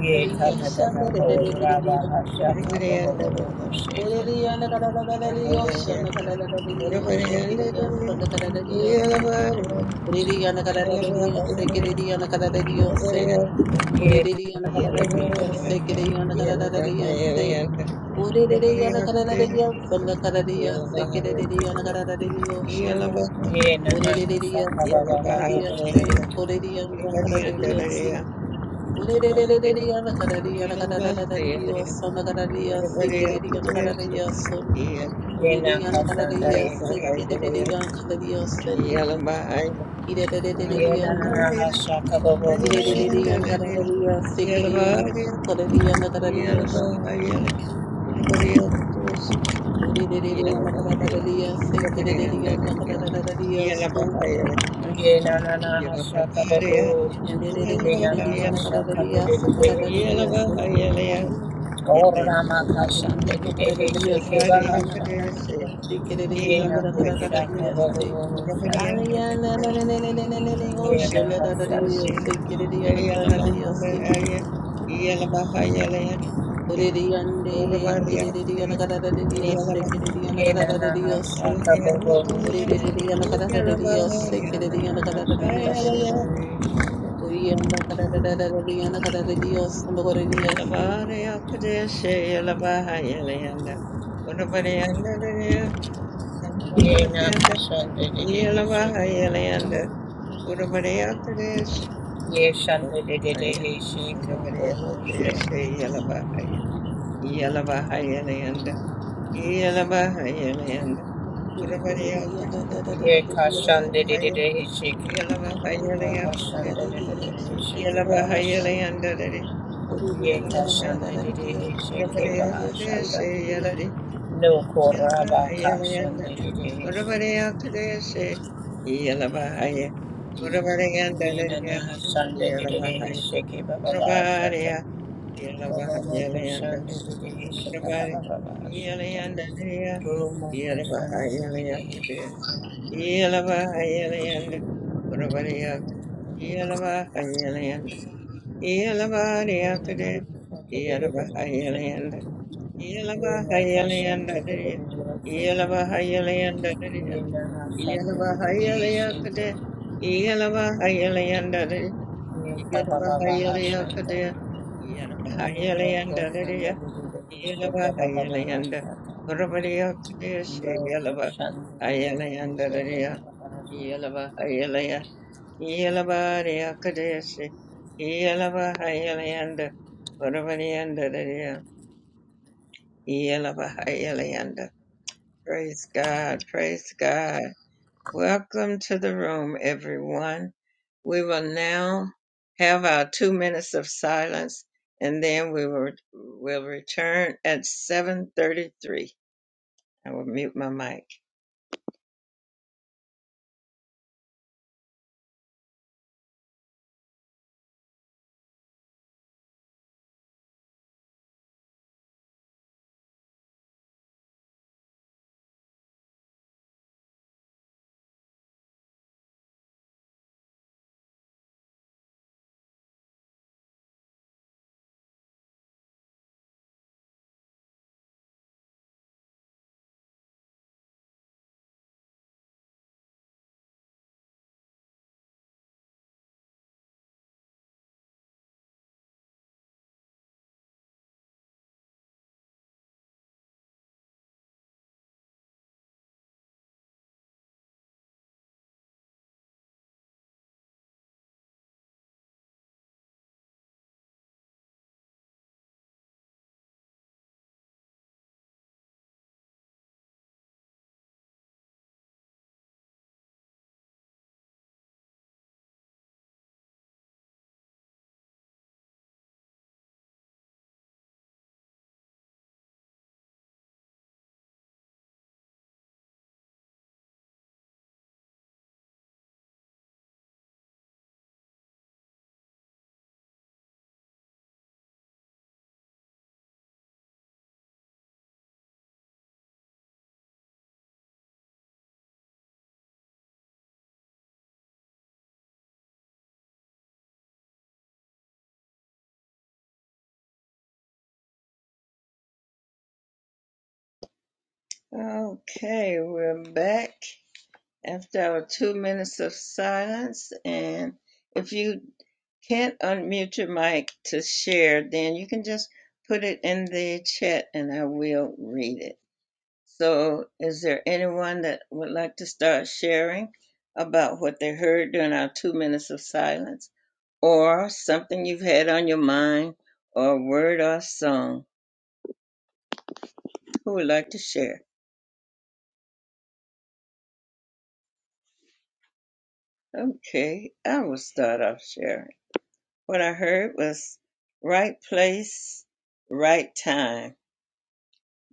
Speaker 5: Ye Tata Tata Ho Rava Hashaka Bobo Bobo Shake.
Speaker 4: Oreliyanda kararararariyosha, nakararararariyosekeriyasa, nakarararariyose. Oreliyanda kararararariyosekeriyanda karararariyose.
Speaker 5: Ye Tata
Speaker 4: Oreliyanda
Speaker 5: Baby Shake.
Speaker 4: kararararariyosekeriyanda karararariyose. Oreliyanda kararararariyasa, nakarararariyosekeriyanda karararariyoshanda.
Speaker 5: Ye Nana
Speaker 4: Oreliyanda
Speaker 5: Hashaka Baba Baha
Speaker 4: nakarararariyose.
Speaker 5: Shake.
Speaker 4: Oreliyanda kararararariyose. Oreliyanda
Speaker 1: Yelva,
Speaker 4: kararararariyasa,
Speaker 1: Yelva, Vadavadaya
Speaker 4: nakarararariyosekeriyanda
Speaker 1: Kadesu,
Speaker 4: karararariyoshanda.
Speaker 1: Yelva,
Speaker 5: Ye Naka
Speaker 4: Oreleyana kararaya
Speaker 5: Shandari Titi.
Speaker 1: Haleya
Speaker 4: sekereleyana kararaya sende
Speaker 1: Yelva, Haleya
Speaker 5: Ye
Speaker 1: Yelva,
Speaker 4: kireleleyanda
Speaker 5: Nana Hashaka Bobo
Speaker 1: Haleya
Speaker 5: Shake.
Speaker 4: kireleleyana kararaya
Speaker 1: Yelva,
Speaker 4: sekereyana
Speaker 1: Haleya
Speaker 4: kararayana kararaya
Speaker 1: Yelva,
Speaker 4: shanda
Speaker 1: Vadavadaya Kadesu,
Speaker 4: oreleleyana
Speaker 1: Yelva, Vadavadaya
Speaker 4: kararaya sekereleyana
Speaker 1: Dadadaya,
Speaker 4: kararaya
Speaker 1: Yelva,
Speaker 4: so
Speaker 5: Ye Nana
Speaker 1: Yelvadaya, Yelva,
Speaker 5: Hashaka
Speaker 1: Haleya
Speaker 5: Bobo
Speaker 1: Yelva,
Speaker 4: yandeleleleyana kararaya sakararaya
Speaker 5: Shake.
Speaker 4: se
Speaker 1: Haleya Yelva, Haleya Yelva,
Speaker 5: Gorama
Speaker 1: Dadadaya,
Speaker 4: oreleyana
Speaker 5: Kashandari
Speaker 4: kararaya
Speaker 5: Shake
Speaker 1: Yelva,
Speaker 5: Baha
Speaker 4: sekereleyana
Speaker 1: Kadesu,
Speaker 4: kararaya
Speaker 5: Yena
Speaker 1: Yelva,
Speaker 4: sekereleyanda
Speaker 1: Haleya
Speaker 5: Hoshaka
Speaker 4: kararaya
Speaker 5: Bobo
Speaker 4: se
Speaker 1: Ora Ora
Speaker 5: Shaka.
Speaker 4: Aliyana
Speaker 1: Ora
Speaker 4: na na na na na na na na na
Speaker 1: Ora
Speaker 5: Yena
Speaker 4: ocean
Speaker 1: Maria
Speaker 4: da da
Speaker 1: Maria
Speaker 5: Hoshaka.
Speaker 1: Ia
Speaker 4: da
Speaker 1: la
Speaker 4: da
Speaker 1: Mahanda
Speaker 4: yes,
Speaker 1: Maria Maria Ia la bahaya Aya Leon
Speaker 4: Orereyande
Speaker 1: Ia la
Speaker 4: ye
Speaker 1: bahaya
Speaker 4: kerereyana kararareriyase kerereyana
Speaker 5: Yena
Speaker 4: kararareriyosun.
Speaker 5: Hoshaka Bobo
Speaker 1: Maria
Speaker 5: Shaka.
Speaker 4: Orereyana
Speaker 1: Seria la
Speaker 4: kararareriyase
Speaker 5: Yena
Speaker 1: bahaya
Speaker 4: kerereyana
Speaker 5: Hoshaka
Speaker 4: kararareriyoshanda.
Speaker 1: Yalabahaya,
Speaker 5: Bobo
Speaker 4: Oriyanda kararareriyana kararareriyosun. Orereyasi.
Speaker 1: Yalabahaya, Yalabahaya, bahaya. Leon Ora Maria Maria
Speaker 5: Yena Hoshaka
Speaker 1: Ia la
Speaker 5: Bobo
Speaker 1: Bahaya
Speaker 5: Shaka.
Speaker 1: Ora Maria
Speaker 5: Yeshanda Dede Hishika
Speaker 1: Maria
Speaker 5: Bobo Shaka.
Speaker 1: Ia la Bahaya Yalabahayalayanda, Yalabahayalayanda,
Speaker 4: Orereyana
Speaker 1: Urabariyakudu,
Speaker 4: kararareriyosun.
Speaker 5: Yekashanda Dede Hishika.
Speaker 4: Orereyana
Speaker 1: Yalabahayalayakade,
Speaker 5: Bahashanda Dede
Speaker 4: kararareriyase
Speaker 5: Hishika Bahasha.
Speaker 4: kerereyoshe.
Speaker 1: Yalabahayalayanda,
Speaker 4: Orereyana
Speaker 1: Yalabahaya,
Speaker 5: Yekashanda Dede
Speaker 4: kararareriyosun.
Speaker 5: Hishika
Speaker 4: Kararareriyase
Speaker 1: Urabariyakadeshe,
Speaker 5: Bahashata.
Speaker 4: kerereyana.
Speaker 1: Yalari,
Speaker 5: No Koraba
Speaker 1: Yalabahayalayanda,
Speaker 5: Kashanda Dede Hishika.
Speaker 1: Urabariyakadeshe, Yalabahaya, Urabariyanda,
Speaker 5: Yenana Sunday did it, he
Speaker 1: Yalabahaya,
Speaker 5: shake it, Baba Shanta.
Speaker 1: Urabariya,
Speaker 5: Kolomoko
Speaker 1: Yalabahayalayanda,
Speaker 5: Sunday did it, he shake it,
Speaker 1: Urabari,
Speaker 5: Baba
Speaker 1: Yalayanda,
Speaker 5: Shanta. Kolomoko Sunday did it, he
Speaker 1: Yalabahayalayakade,
Speaker 5: shake it.
Speaker 1: Yelava Hayalayanda Urabadiyak Yelava Hayalayanda Yelava Yakade
Speaker 5: Yenana Sunday did
Speaker 1: Yelava
Speaker 5: it, he shake it.
Speaker 1: Hayalayanda Yelava
Speaker 5: Yenaka
Speaker 1: Hayalayanda
Speaker 5: Sunday did it, he shake
Speaker 1: Yelava
Speaker 5: it.
Speaker 1: Hayalayanda
Speaker 5: Yenana Sunday
Speaker 1: Yelava
Speaker 5: did it, he shake
Speaker 1: Hayalayakade
Speaker 5: it.
Speaker 1: Yelava Hayalayanda
Speaker 5: Yenta
Speaker 1: Yelava
Speaker 5: Baba Shanta.
Speaker 1: Hayalayakade Yelava
Speaker 5: Kolomoko
Speaker 1: Hayalayanda
Speaker 5: Sunday did it, he shake
Speaker 1: Yelava
Speaker 5: it, Baba
Speaker 1: Hayalayanda
Speaker 5: Shanta.
Speaker 1: Urabadiya Kadeshi Yelava Hayalayanda Dariya Yelava Hayalaya Yelava Dariya Kadeshi Yelava Hayalayanda Urabadiyanda Dariya Yelava Hayalayanda Praise God, praise God. Welcome to the room, everyone. We will now have our two minutes of silence and then we will, will return at 733. I will mute my mic. Okay, we're back after our two minutes of silence. And if you can't unmute your mic to share, then you can just put it in the chat and I will read it. So, is there anyone that would like to start sharing about what they heard during our two minutes of silence or something you've had on your mind or a word or a song? Who would like to share? Okay, I will start off sharing. What I heard was right place, right time.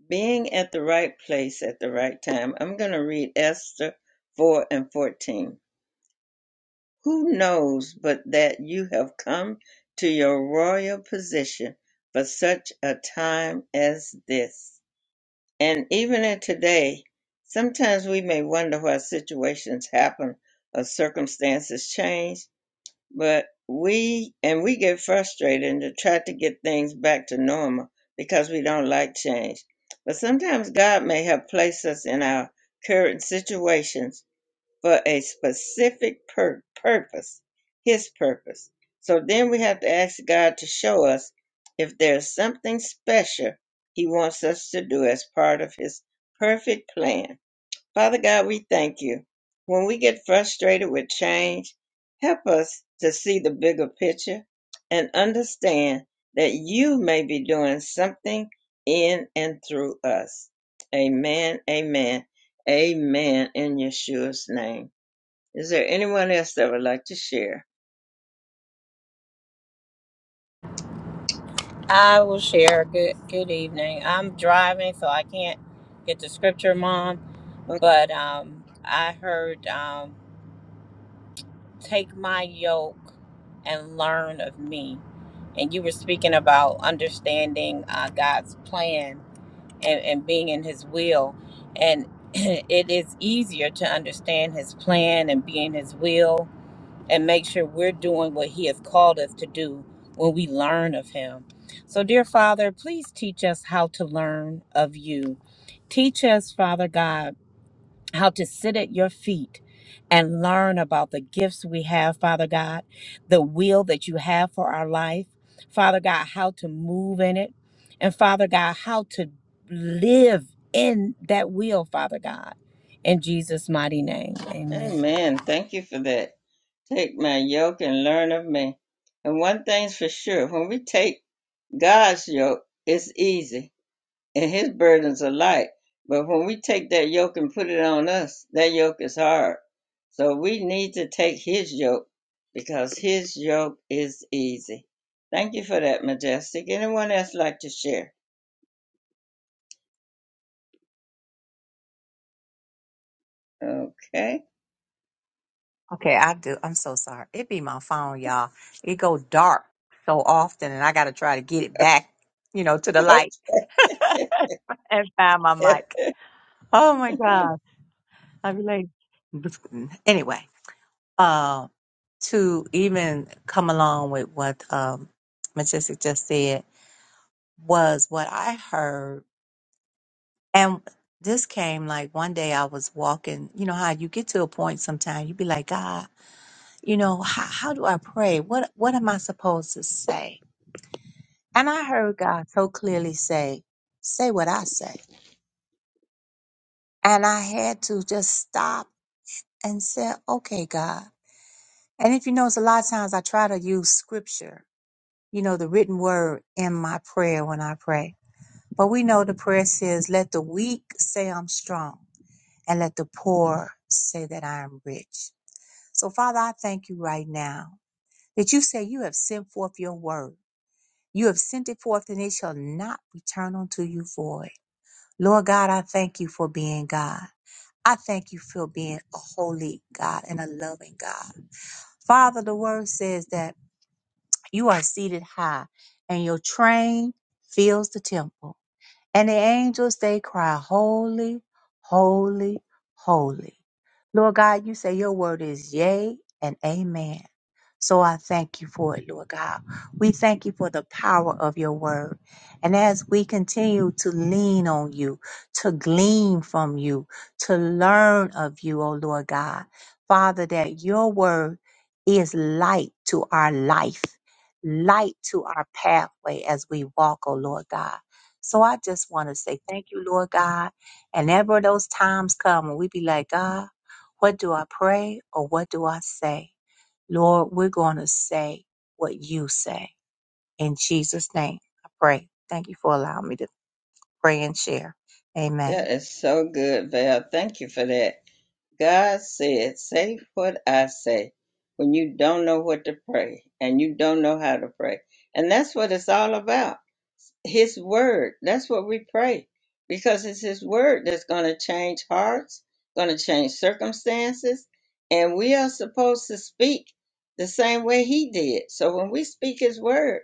Speaker 1: Being at the right place at the right time. I'm going to read Esther 4 and 14. Who knows but that you have come to your royal position for such a time as this? And even in today, sometimes we may wonder why situations happen or circumstances change but we and we get frustrated and try to get things back to normal because we don't like change but sometimes god may have placed us in our current situations for a specific pur- purpose his purpose so then we have to ask god to show us if there's something special he wants us to do as part of his perfect plan Father God, we thank you. When we get frustrated with change, help us to see the bigger picture and understand that you may be doing something in and through us. Amen, amen, amen in Yeshua's name. Is there anyone else that would like to share?
Speaker 5: I will share. Good good evening. I'm driving, so I can't get the scripture, Mom.
Speaker 1: Oh,
Speaker 5: But um, I heard, um, "Take my yoke and learn of me." And you were speaking about understanding uh, God's plan and, and being in His will, and it is easier to understand His plan and be in His will and make sure we're doing what He has called us to do when we learn of Him. So, dear Father, please teach us how to learn of you. Teach us, Father God how to sit at your feet and learn about the gifts we have, Father God, the will that you have for our life, Father God, how to move in it, and Father God, how to live in that will, Father God. In Jesus' mighty name, amen.
Speaker 1: Amen. Thank you for that. Take my yoke and learn of me. And one thing's for sure when we take God's yoke, it's easy and his burdens are light. But when we take that yoke and put it on us, that yoke is hard. So we need to take his yoke because his yoke is easy. Thank you for that, Majestic. Anyone else like to share? Okay.
Speaker 6: Okay, I do. I'm so sorry. It be my phone, y'all. It go dark so often, and I gotta try to get it back, you know, to the light and find my
Speaker 1: Okay.
Speaker 6: mic. Oh my God, I be like, anyway, uh, to even come along with what um, Majestic just said was what I heard, and this came like one day I was walking. You know how you get to a point sometimes you be like, God. you know how, how do i pray what what am i supposed to say and i heard god so clearly say say what i say and i had to just stop and say okay god and if you notice a lot of times i try to use scripture you know the written word in my prayer when i pray but we know the prayer says let the weak say i'm strong and let the poor say that i am rich so father i thank you right now that you say you have sent forth your word You have sent it forth and it shall not return unto you void. Lord God, I thank you for being God. I thank you for being a holy God and a loving God. Father, the word says that you are seated high and your train fills the temple. And the angels, they cry, Holy, holy, holy. Lord God, you say your word is yea and amen. So I thank you for it, Lord God. We thank you for the power of your word. And as we continue to lean on you, to glean from you, to learn of you, O Lord God, Father, that your word is light to our life, light to our pathway as we walk, O Lord God. So I just want to say thank you, Lord God. And ever those times come when we be like, God, what do I pray or what do I say? Lord, we're going to say what you say. In Jesus' name, I pray. Thank you for allowing me to pray and share. Amen.
Speaker 1: that is so good, Val. Thank you for that. God said, Say what I say when you don't know what to pray and you don't know how to pray. And that's what it's all about. His word. That's what we pray because it's His word that's going to change hearts, going to change circumstances. And we are supposed to speak the same way He did. So when we speak His word,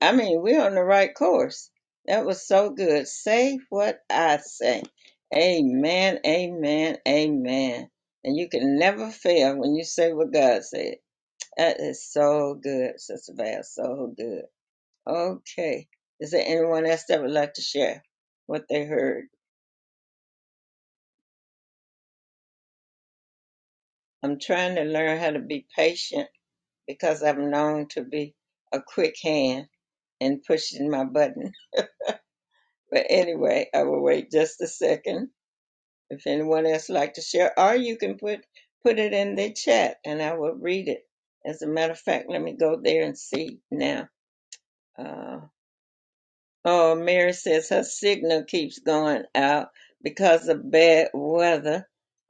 Speaker 1: I mean, we're on the right course. That was so good. Say what I say. Amen, amen, amen. And you can never fail when you say what God said. That is so good, Sister Val. So good. Okay. Is there anyone else that would like to share what they heard? I'm trying to learn how to be patient because I'm known to be a quick hand in pushing my button. But anyway, I will wait just a second. If anyone else like to share, or you can put put it in the chat, and I will read it. As a matter of fact, let me go there and see now. Uh, oh, Mary says her signal keeps going out because of bad weather.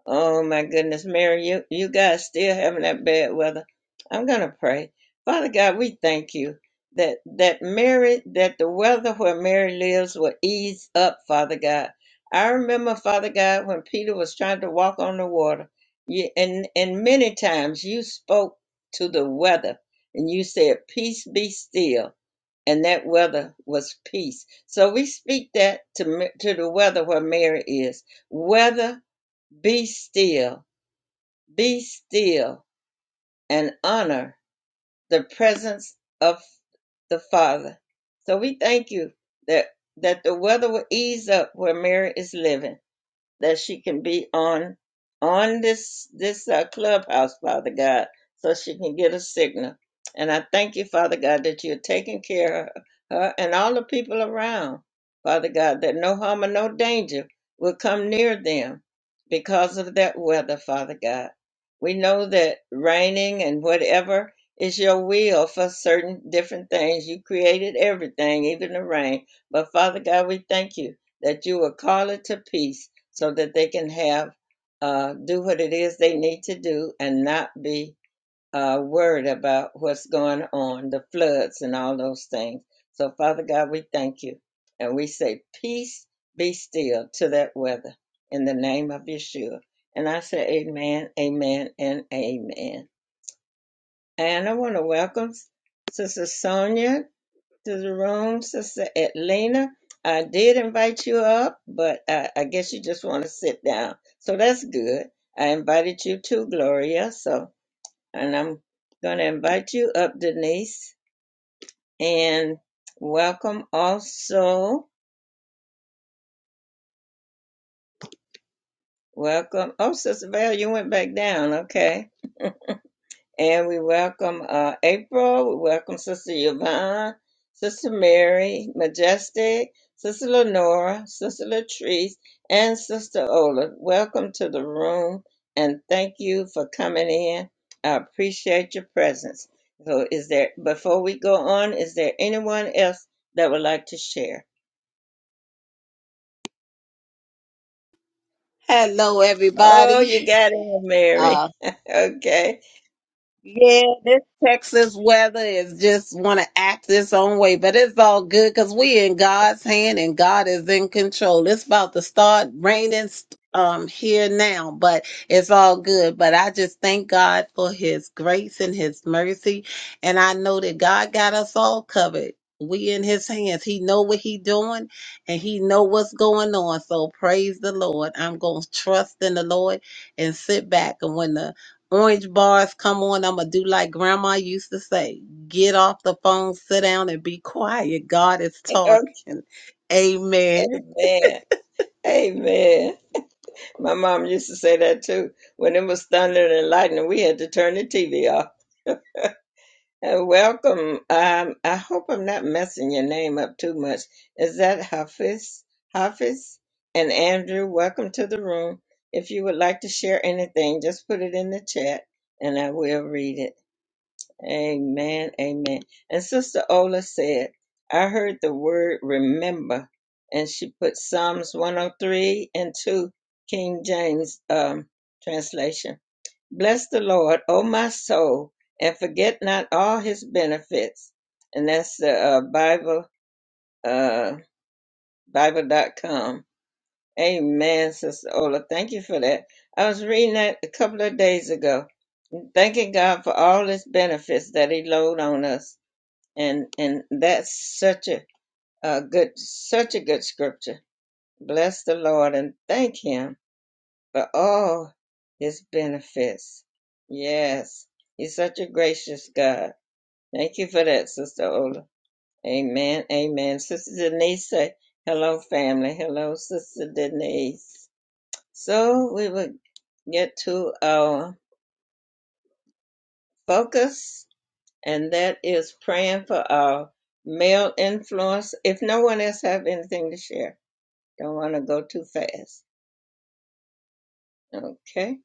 Speaker 1: Oh my goodness, Mary, you, you guys still having that bad weather. I'm gonna pray. Father God, we thank you that that Mary that the weather where Mary lives will ease up, Father God. I remember, Father God, when Peter was trying to walk on the water, you, and and many times you spoke to the weather and you said, "Peace be still," and that weather was peace. So we speak that to Ma- to the weather where Mary is. Weather be still, be still, and honor the presence of the Father. So we thank you that that the weather will ease up where Mary is living that she can be on on this this uh, clubhouse, Father God, so she can get a signal. And I thank you, Father God, that you're taking care of her and all the people around, Father God, that no harm or no danger will come near them because of that weather, Father God. We know that raining and whatever is your will for certain different things. You created everything, even the rain. But Father God, we thank you that you will call it to peace so that they can have uh, do what it is they need to do and not be uh, worried about what's going on, the floods and all those things. So, Father God, we thank you and we say, Peace be still to that weather in the name of Yeshua. And I say, Amen, amen, and amen. And I want to welcome Sister Sonia to the room, Sister Atlena. I did invite you up, but I, I guess you just want to sit down. So that's good. I invited you too, Gloria. So, and I'm going to invite you up, Denise, and welcome also. Welcome. Oh, Sister Val, you went back down. Okay. And we welcome uh, April, we welcome Sister Yvonne, Sister Mary, Majestic, Sister Lenora, Sister Latrice, and Sister Ola. Welcome to the room and thank you for coming in. I appreciate your presence. So is there before we go on, is there anyone else that would like to share?
Speaker 4: Hello,
Speaker 1: Oh,
Speaker 4: everybody.
Speaker 1: you got in,
Speaker 4: Ah,
Speaker 1: Mary. okay.
Speaker 4: Yeah, this Texas weather is just want to act its own way, but it's all good because we in God's hand and God is in control. It's about to start raining um here now, but it's all good. But I just thank God for His grace and His mercy, and I know that God got us all covered. We in His hands. He know what He doing, and He know what's going on. So praise the Lord. I'm gonna trust in the Lord and sit back and when the Orange bars, come on. I'm going to do like grandma used to say get off the phone, sit down, and be quiet. God is talking.
Speaker 1: Okay,
Speaker 4: Amen.
Speaker 1: man. Amen. My mom used to say that too. When it was thunder and lightning, we had to turn the TV off. And welcome. Um, I hope I'm not messing your name up too much. Is that Hafiz? Hafiz and Andrew, welcome to the room. If you would like to share anything, just put it in the chat and I will read it. Amen. Amen. And Sister Ola said, I heard the word remember, and she put Psalms 103 and 2, King James um, translation. Bless the Lord, O my soul, and forget not all his benefits. And that's the uh, Bible, uh, Bible dot com. Amen, Sister Ola. Thank you for that. I was reading that a couple of days ago, thanking God for all his benefits that he load on us and and that's such a, a good such a good scripture bless the lord and thank him for all his benefits yes he's such a gracious god thank you for that sister ola amen amen sister denise say hello family hello sister denise so we will get to our focus and that is praying for our male influence if no one else have anything to share Don't want to go too fast. Okay.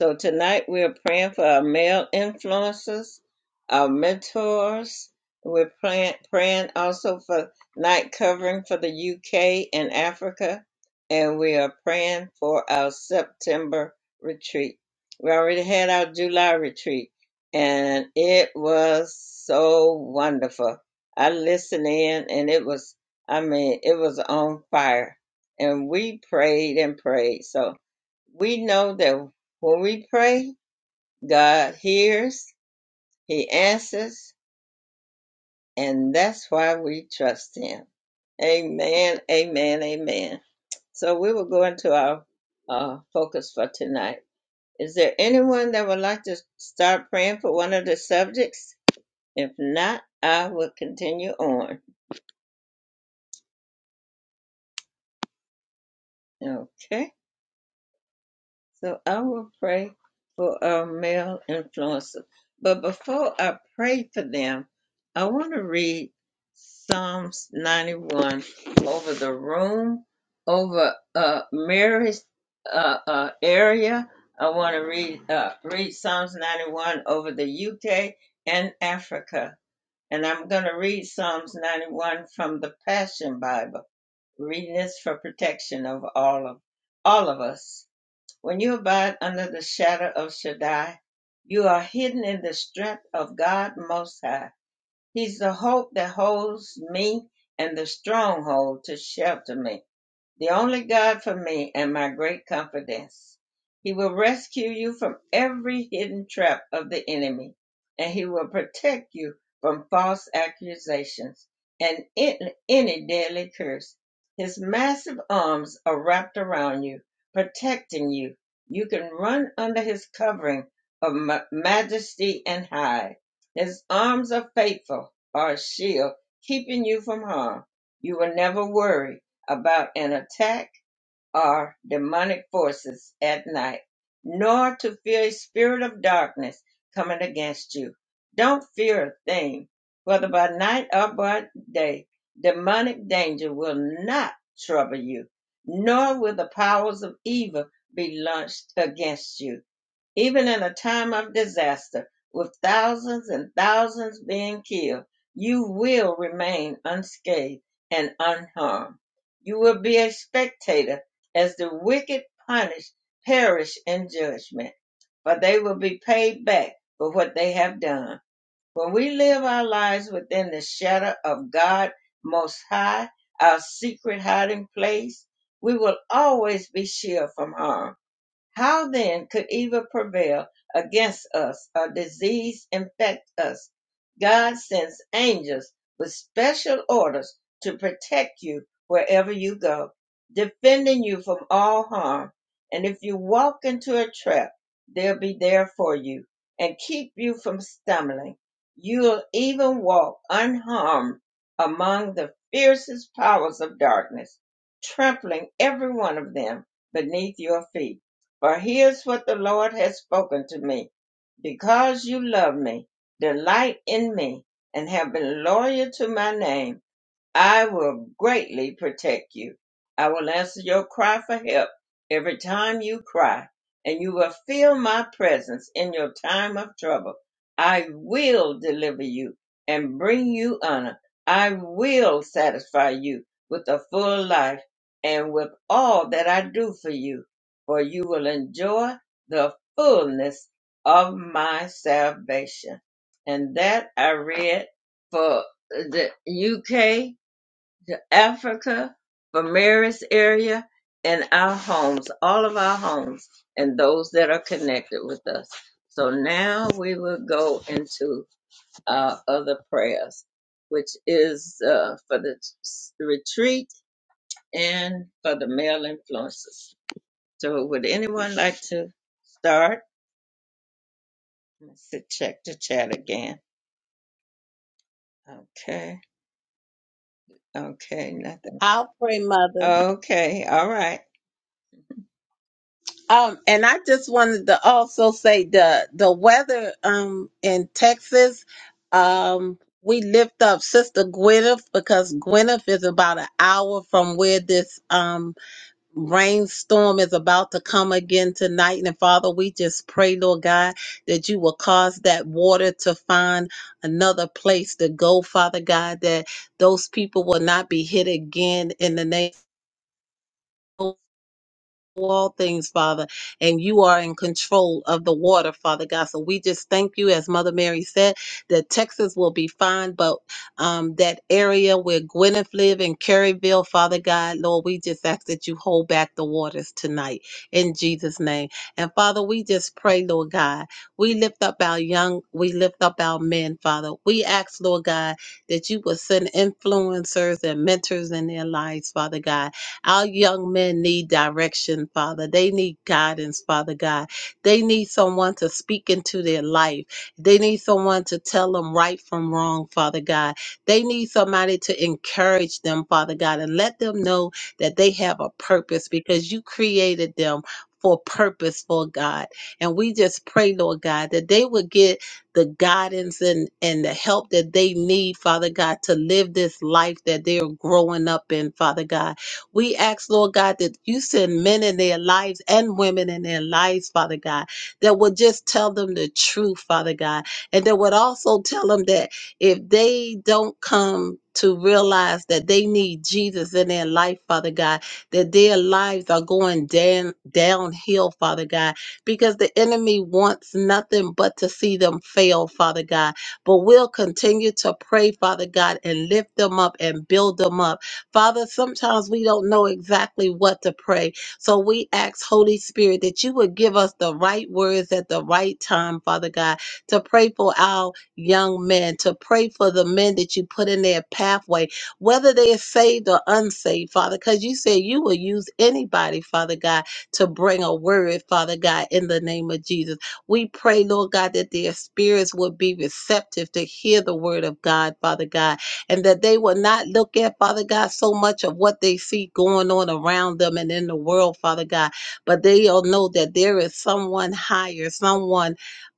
Speaker 1: So tonight we're praying for our male influences, our mentors. We're praying, praying also for night covering for the UK and Africa. And we are praying for our September retreat. We already had our July retreat, and it was so wonderful. I listened in, and it was, I mean, it was on fire. And we prayed and prayed. So, we know that when we pray, God hears, He answers, and that's why we trust Him. Amen, amen, amen. So we will go into our uh, focus for tonight. Is there anyone that would like to start praying for one of the subjects? If not, I will continue on. Okay. So I will pray for our male influencers. But before I pray for them, I want to read Psalms 91 over the room, over uh, Mary's uh, uh, area. I want to read uh, read Psalms 91 over the UK and Africa. And I'm going to read Psalms 91 from the Passion Bible, reading this for protection of all of all of us. When you abide under the shadow of Shaddai, you are hidden in the strength of God Most High. He's the hope that holds me and the stronghold to shelter me the only God for me and my great confidence. He will rescue you from every hidden trap of the enemy, and he will protect you from false accusations and any deadly curse. His massive arms are wrapped around you, protecting you. You can run under his covering of majesty and hide. His arms are faithful, are a shield, keeping you from harm. You will never worry about an attack or demonic forces at night, nor to fear a spirit of darkness coming against you. Don't fear a thing, whether by night or by day. Demonic danger will not trouble you, nor will the powers of evil be launched against you even in a time of disaster, with thousands and thousands being killed, you will remain unscathed and unharmed. You will be a spectator as the wicked punish, perish in judgment, for they will be paid back for what they have done. When we live our lives within the shadow of God Most High, our secret hiding place, we will always be shielded from harm how then could evil prevail against us or disease infect us? God sends angels with special orders to protect you wherever you go, defending you from all harm. And if you walk into a trap, they'll be there for you and keep you from stumbling. You'll even walk unharmed among the fiercest powers of darkness, trampling every one of them beneath your feet. For here's what the Lord has spoken to me. Because you love me, delight in me, and have been loyal to my name, I will greatly protect you. I will answer your cry for help every time you cry, and you will feel my presence in your time of trouble. I will deliver you and bring you honor. I will satisfy you with a full life and with all that I do for you, for you will enjoy the fullness of my salvation. And that I read for the UK to Africa, from Mary's area, and our homes, all of our homes, and those that are connected with us. So now we will go into our other prayers, which is uh, for the retreat and for the male influences. So would anyone like to start? Let's see, check the chat again. Okay. Okay. Nothing.
Speaker 4: I'll pray, mother.
Speaker 1: Okay. All right.
Speaker 4: Um, and I just wanted to also say the the weather um in Texas, um, we lift up Sister Gwyneth because Gwyneth is about an hour from where this um rainstorm is about to come again tonight. And Father, we just pray, Lord God, that you will cause that water to find another place to go, Father God, that those people will not be hit again in the name all things, Father, and you are in control of the water, Father God. So we just thank you, as Mother Mary said, that Texas will be fine, but um, that area where Gwyneth live in Caryville, Father God, Lord, we just ask that you hold back the waters tonight in Jesus' name. And Father, we just pray, Lord God, we lift up our young, we lift up our men, Father. We ask, Lord God, that you will send influencers and mentors in their lives, Father God our young men need direction, Father. They need guidance, Father God. They need someone to speak into their life. They need someone to tell them right from wrong, Father God. They need somebody to encourage them, Father God, and let them know that they have a purpose because you created them. For purpose, for God. And we just pray, Lord God, that they would get the guidance and, and the help that they need, Father God, to live this life that they're growing up in, Father God we ask, Lord God, that you send men in their lives and women in their lives, Father God, that would just tell them the truth, Father God, and that would also tell them that if they don't come to realize that they need Jesus in their life, Father God, that their lives are going down downhill, Father God, because the enemy wants nothing but to see them fail, Father God. But we'll continue to pray, Father God, and lift them up and build them up Father, sometimes we don't know exactly what to pray. So we ask, Holy Spirit, that you would give us the right words at the right time, Father God, to pray for our young men, to pray for the men that you put in their pathway, whether they are saved or unsaved, Father, because you said you will use anybody, Father God, to bring a word, Father God, in the name of Jesus. We pray, Lord God, that their spirits would be receptive to hear the word of God, Father God and that they will not look at, Father God, so much of what they see going on around them and in the world, Father God, but they'll know that there is someone higher, someone.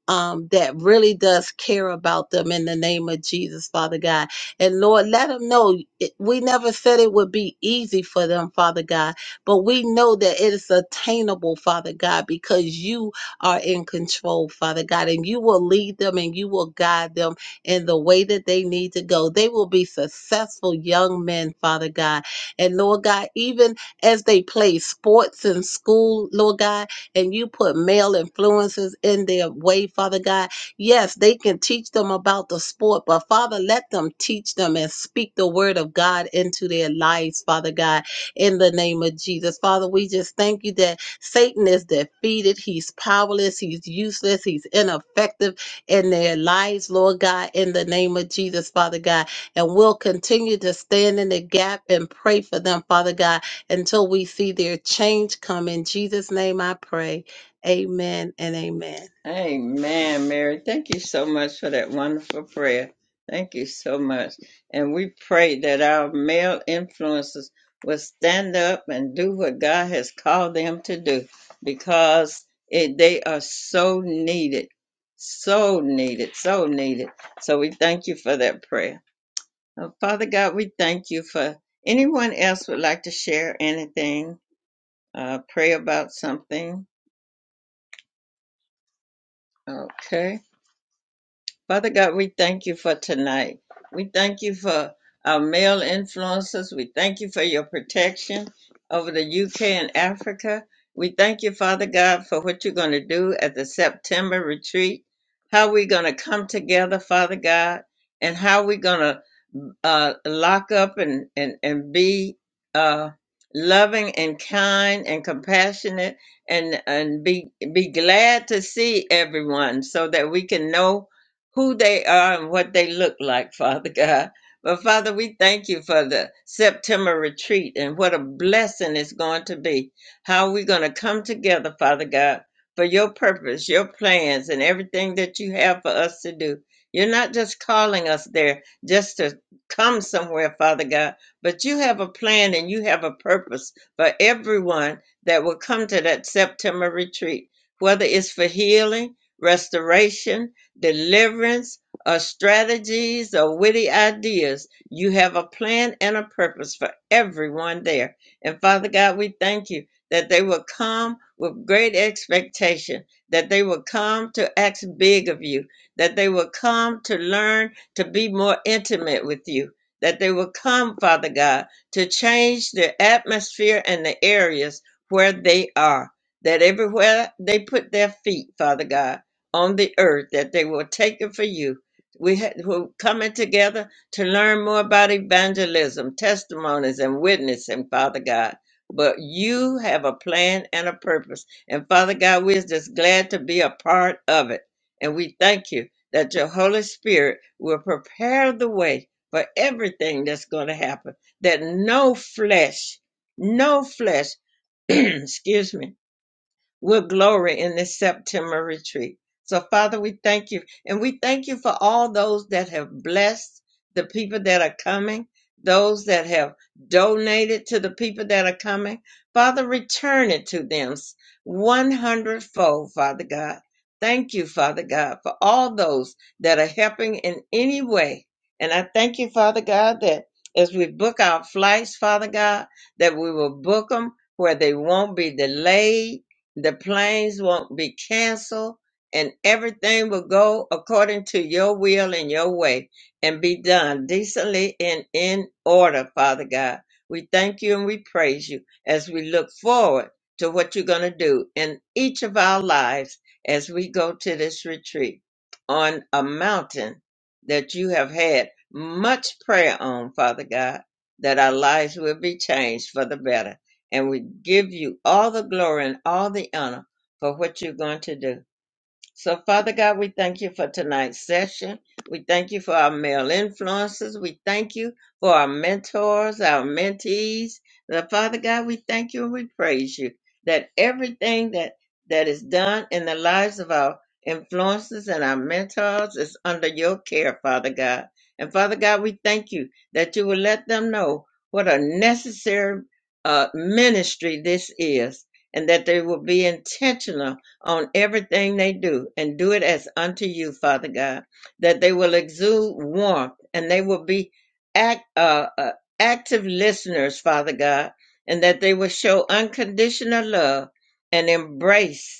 Speaker 4: Um, that really does care about them in the name of Jesus, Father God. And Lord, let them know it- we never said it would be easy for them, Father God, but we know that it is attainable, Father God, because you are in control, Father God, and you will lead them and you will guide them in the way that they need to go. They will be successful young men, Father God. And Lord God, even as they play sports in school, Lord God, and you put male influences in their way, Father God, yes, they can teach them about the sport, but Father, let them teach them and speak the word of God into their lives, Father God, in the name of Jesus. Father, we just thank you that Satan is defeated, he's powerless, he's useless, he's ineffective in their lives, Lord God, in the name of Jesus, Father God. And we'll continue to stand in the gap and pray for them, Father God, until we see their change come. In Jesus' name I pray. Amen and amen.
Speaker 1: Amen, Mary. Thank you so much for that wonderful prayer. Thank you so much. And we pray that our male influences will stand up and do what God has called them to do because it, they are so needed, so needed, so needed. So we thank you for that prayer. Uh, Father God, we thank you for anyone else would like to share anything, uh, pray about something. Okay. Father God, we thank you for tonight. We thank you for our male influences. We thank you for your protection over the UK and Africa. We thank you, Father God, for what you're going to do at the September retreat, how we're going to come together, Father God, and how we're going to uh, lock up and and and be uh, loving and kind and compassionate and and be be glad to see everyone so that we can know who they are and what they look like, Father God. But Father, we thank you for the September retreat and what a blessing it's going to be. How we're going to come together, Father God, for your purpose, your plans, and everything that you have for us to do. You're not just calling us there just to come somewhere, Father God, but you have a plan and you have a purpose for everyone that will come to that September retreat, whether it's for healing, restoration, deliverance, or strategies or witty ideas. You have a plan and a purpose for everyone there. And Father God, we thank you that they will come with great expectation, that they will come to act big of you, that they will come to learn to be more intimate with you. That they will come, Father God, to change the atmosphere and the areas where they are. That everywhere they put their feet, Father God on the earth that they will take it for you. We ha- we're coming together to learn more about evangelism, testimonies, and witnessing, Father God. But you have a plan and a purpose. And Father God, we're just glad to be a part of it. And we thank you that your Holy Spirit will prepare the way for everything that's going to happen, that no flesh, no flesh, excuse me, we will glory in this September retreat. So, Father, we thank you. And we thank you for all those that have blessed the people that are coming, those that have donated to the people that are coming. Father, return it to them one hundredfold. Father God. Thank you, Father God, for all those that are helping in any way. And I thank you, Father God, that as we book our flights, Father God, that we will book them where they won't be delayed the planes won't be canceled, and everything will go according to your will and your way and be done decently and in order, Father God. We thank you and we praise you as we look forward to what you're going to do in each of our lives as we go to this retreat on a mountain that you have had much prayer on, Father God, that our lives will be changed for the better and we give you all the glory and all the honor for what you're going to do. So, Father God, we thank you for tonight's session. We thank you for our male influences. We thank you for our mentors, our mentees. The Father God, we thank you and we praise you that everything that that is done in the lives of our influences and our mentors is under your care, Father God. And Father God, we thank you that you will let them know what a necessary uh, ministry this is, and that they will be intentional on everything they do and do it as unto you, Father God, that they will exude warmth and they will be act, uh, uh, active listeners, Father God, and that they will show unconditional love and embrace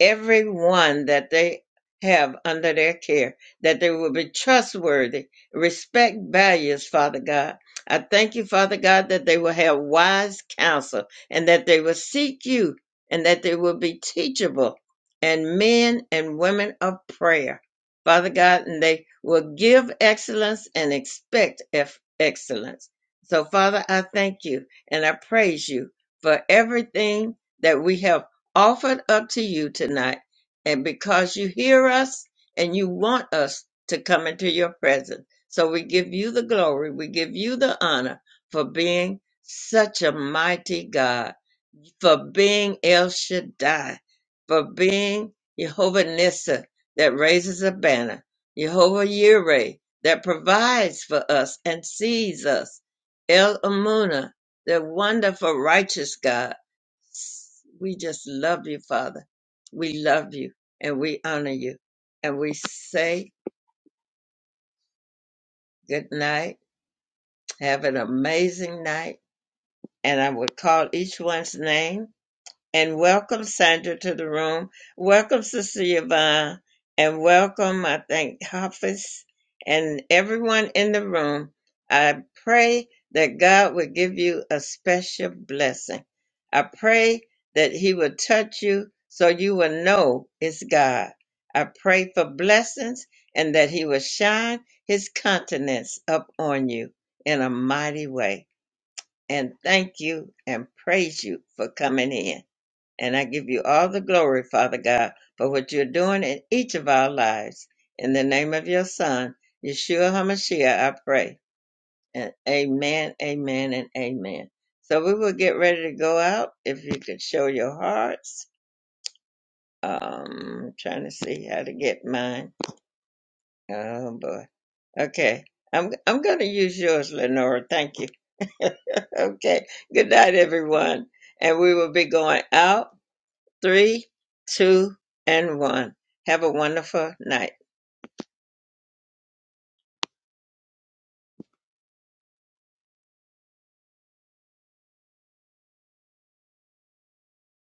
Speaker 1: everyone that they have under their care, that they will be trustworthy, respect values, Father God. I thank you, Father God, that they will have wise counsel and that they will seek you and that they will be teachable and men and women of prayer, Father God, and they will give excellence and expect eff- excellence. So, Father, I thank you and I praise you for everything that we have offered up to you tonight. And because you hear us and you want us to come into your presence. So we give you the glory. We give you the honor for being such a mighty God for being El Shaddai, for being Jehovah Nissi that raises a banner, Jehovah Yireh that provides for us and sees us, El Amuna, the wonderful righteous God. We just love you, Father. We love you and we honor you. And we say good night. Have an amazing night. And I would call each one's name and welcome Sandra to the room. Welcome Sister Yvonne and welcome, I thank Hafiz and everyone in the room. I pray that God will give you a special blessing. I pray that He will touch you so you will know it's God. I pray for blessings and that He will shine His countenance up on you in a mighty way. And thank you and praise you for coming in. And I give you all the glory, Father God, for what you're doing in each of our lives. In the name of your Son, Yeshua HaMashiach, I pray. And amen, amen, and amen. So we will get ready to go out. If you could show your hearts. Um, I'm trying to see how to get mine. Oh boy. Okay. I'm I'm gonna use yours, Lenora. Thank you. okay. Good night, everyone. And we will be going out Three, two, and one. Have a wonderful night.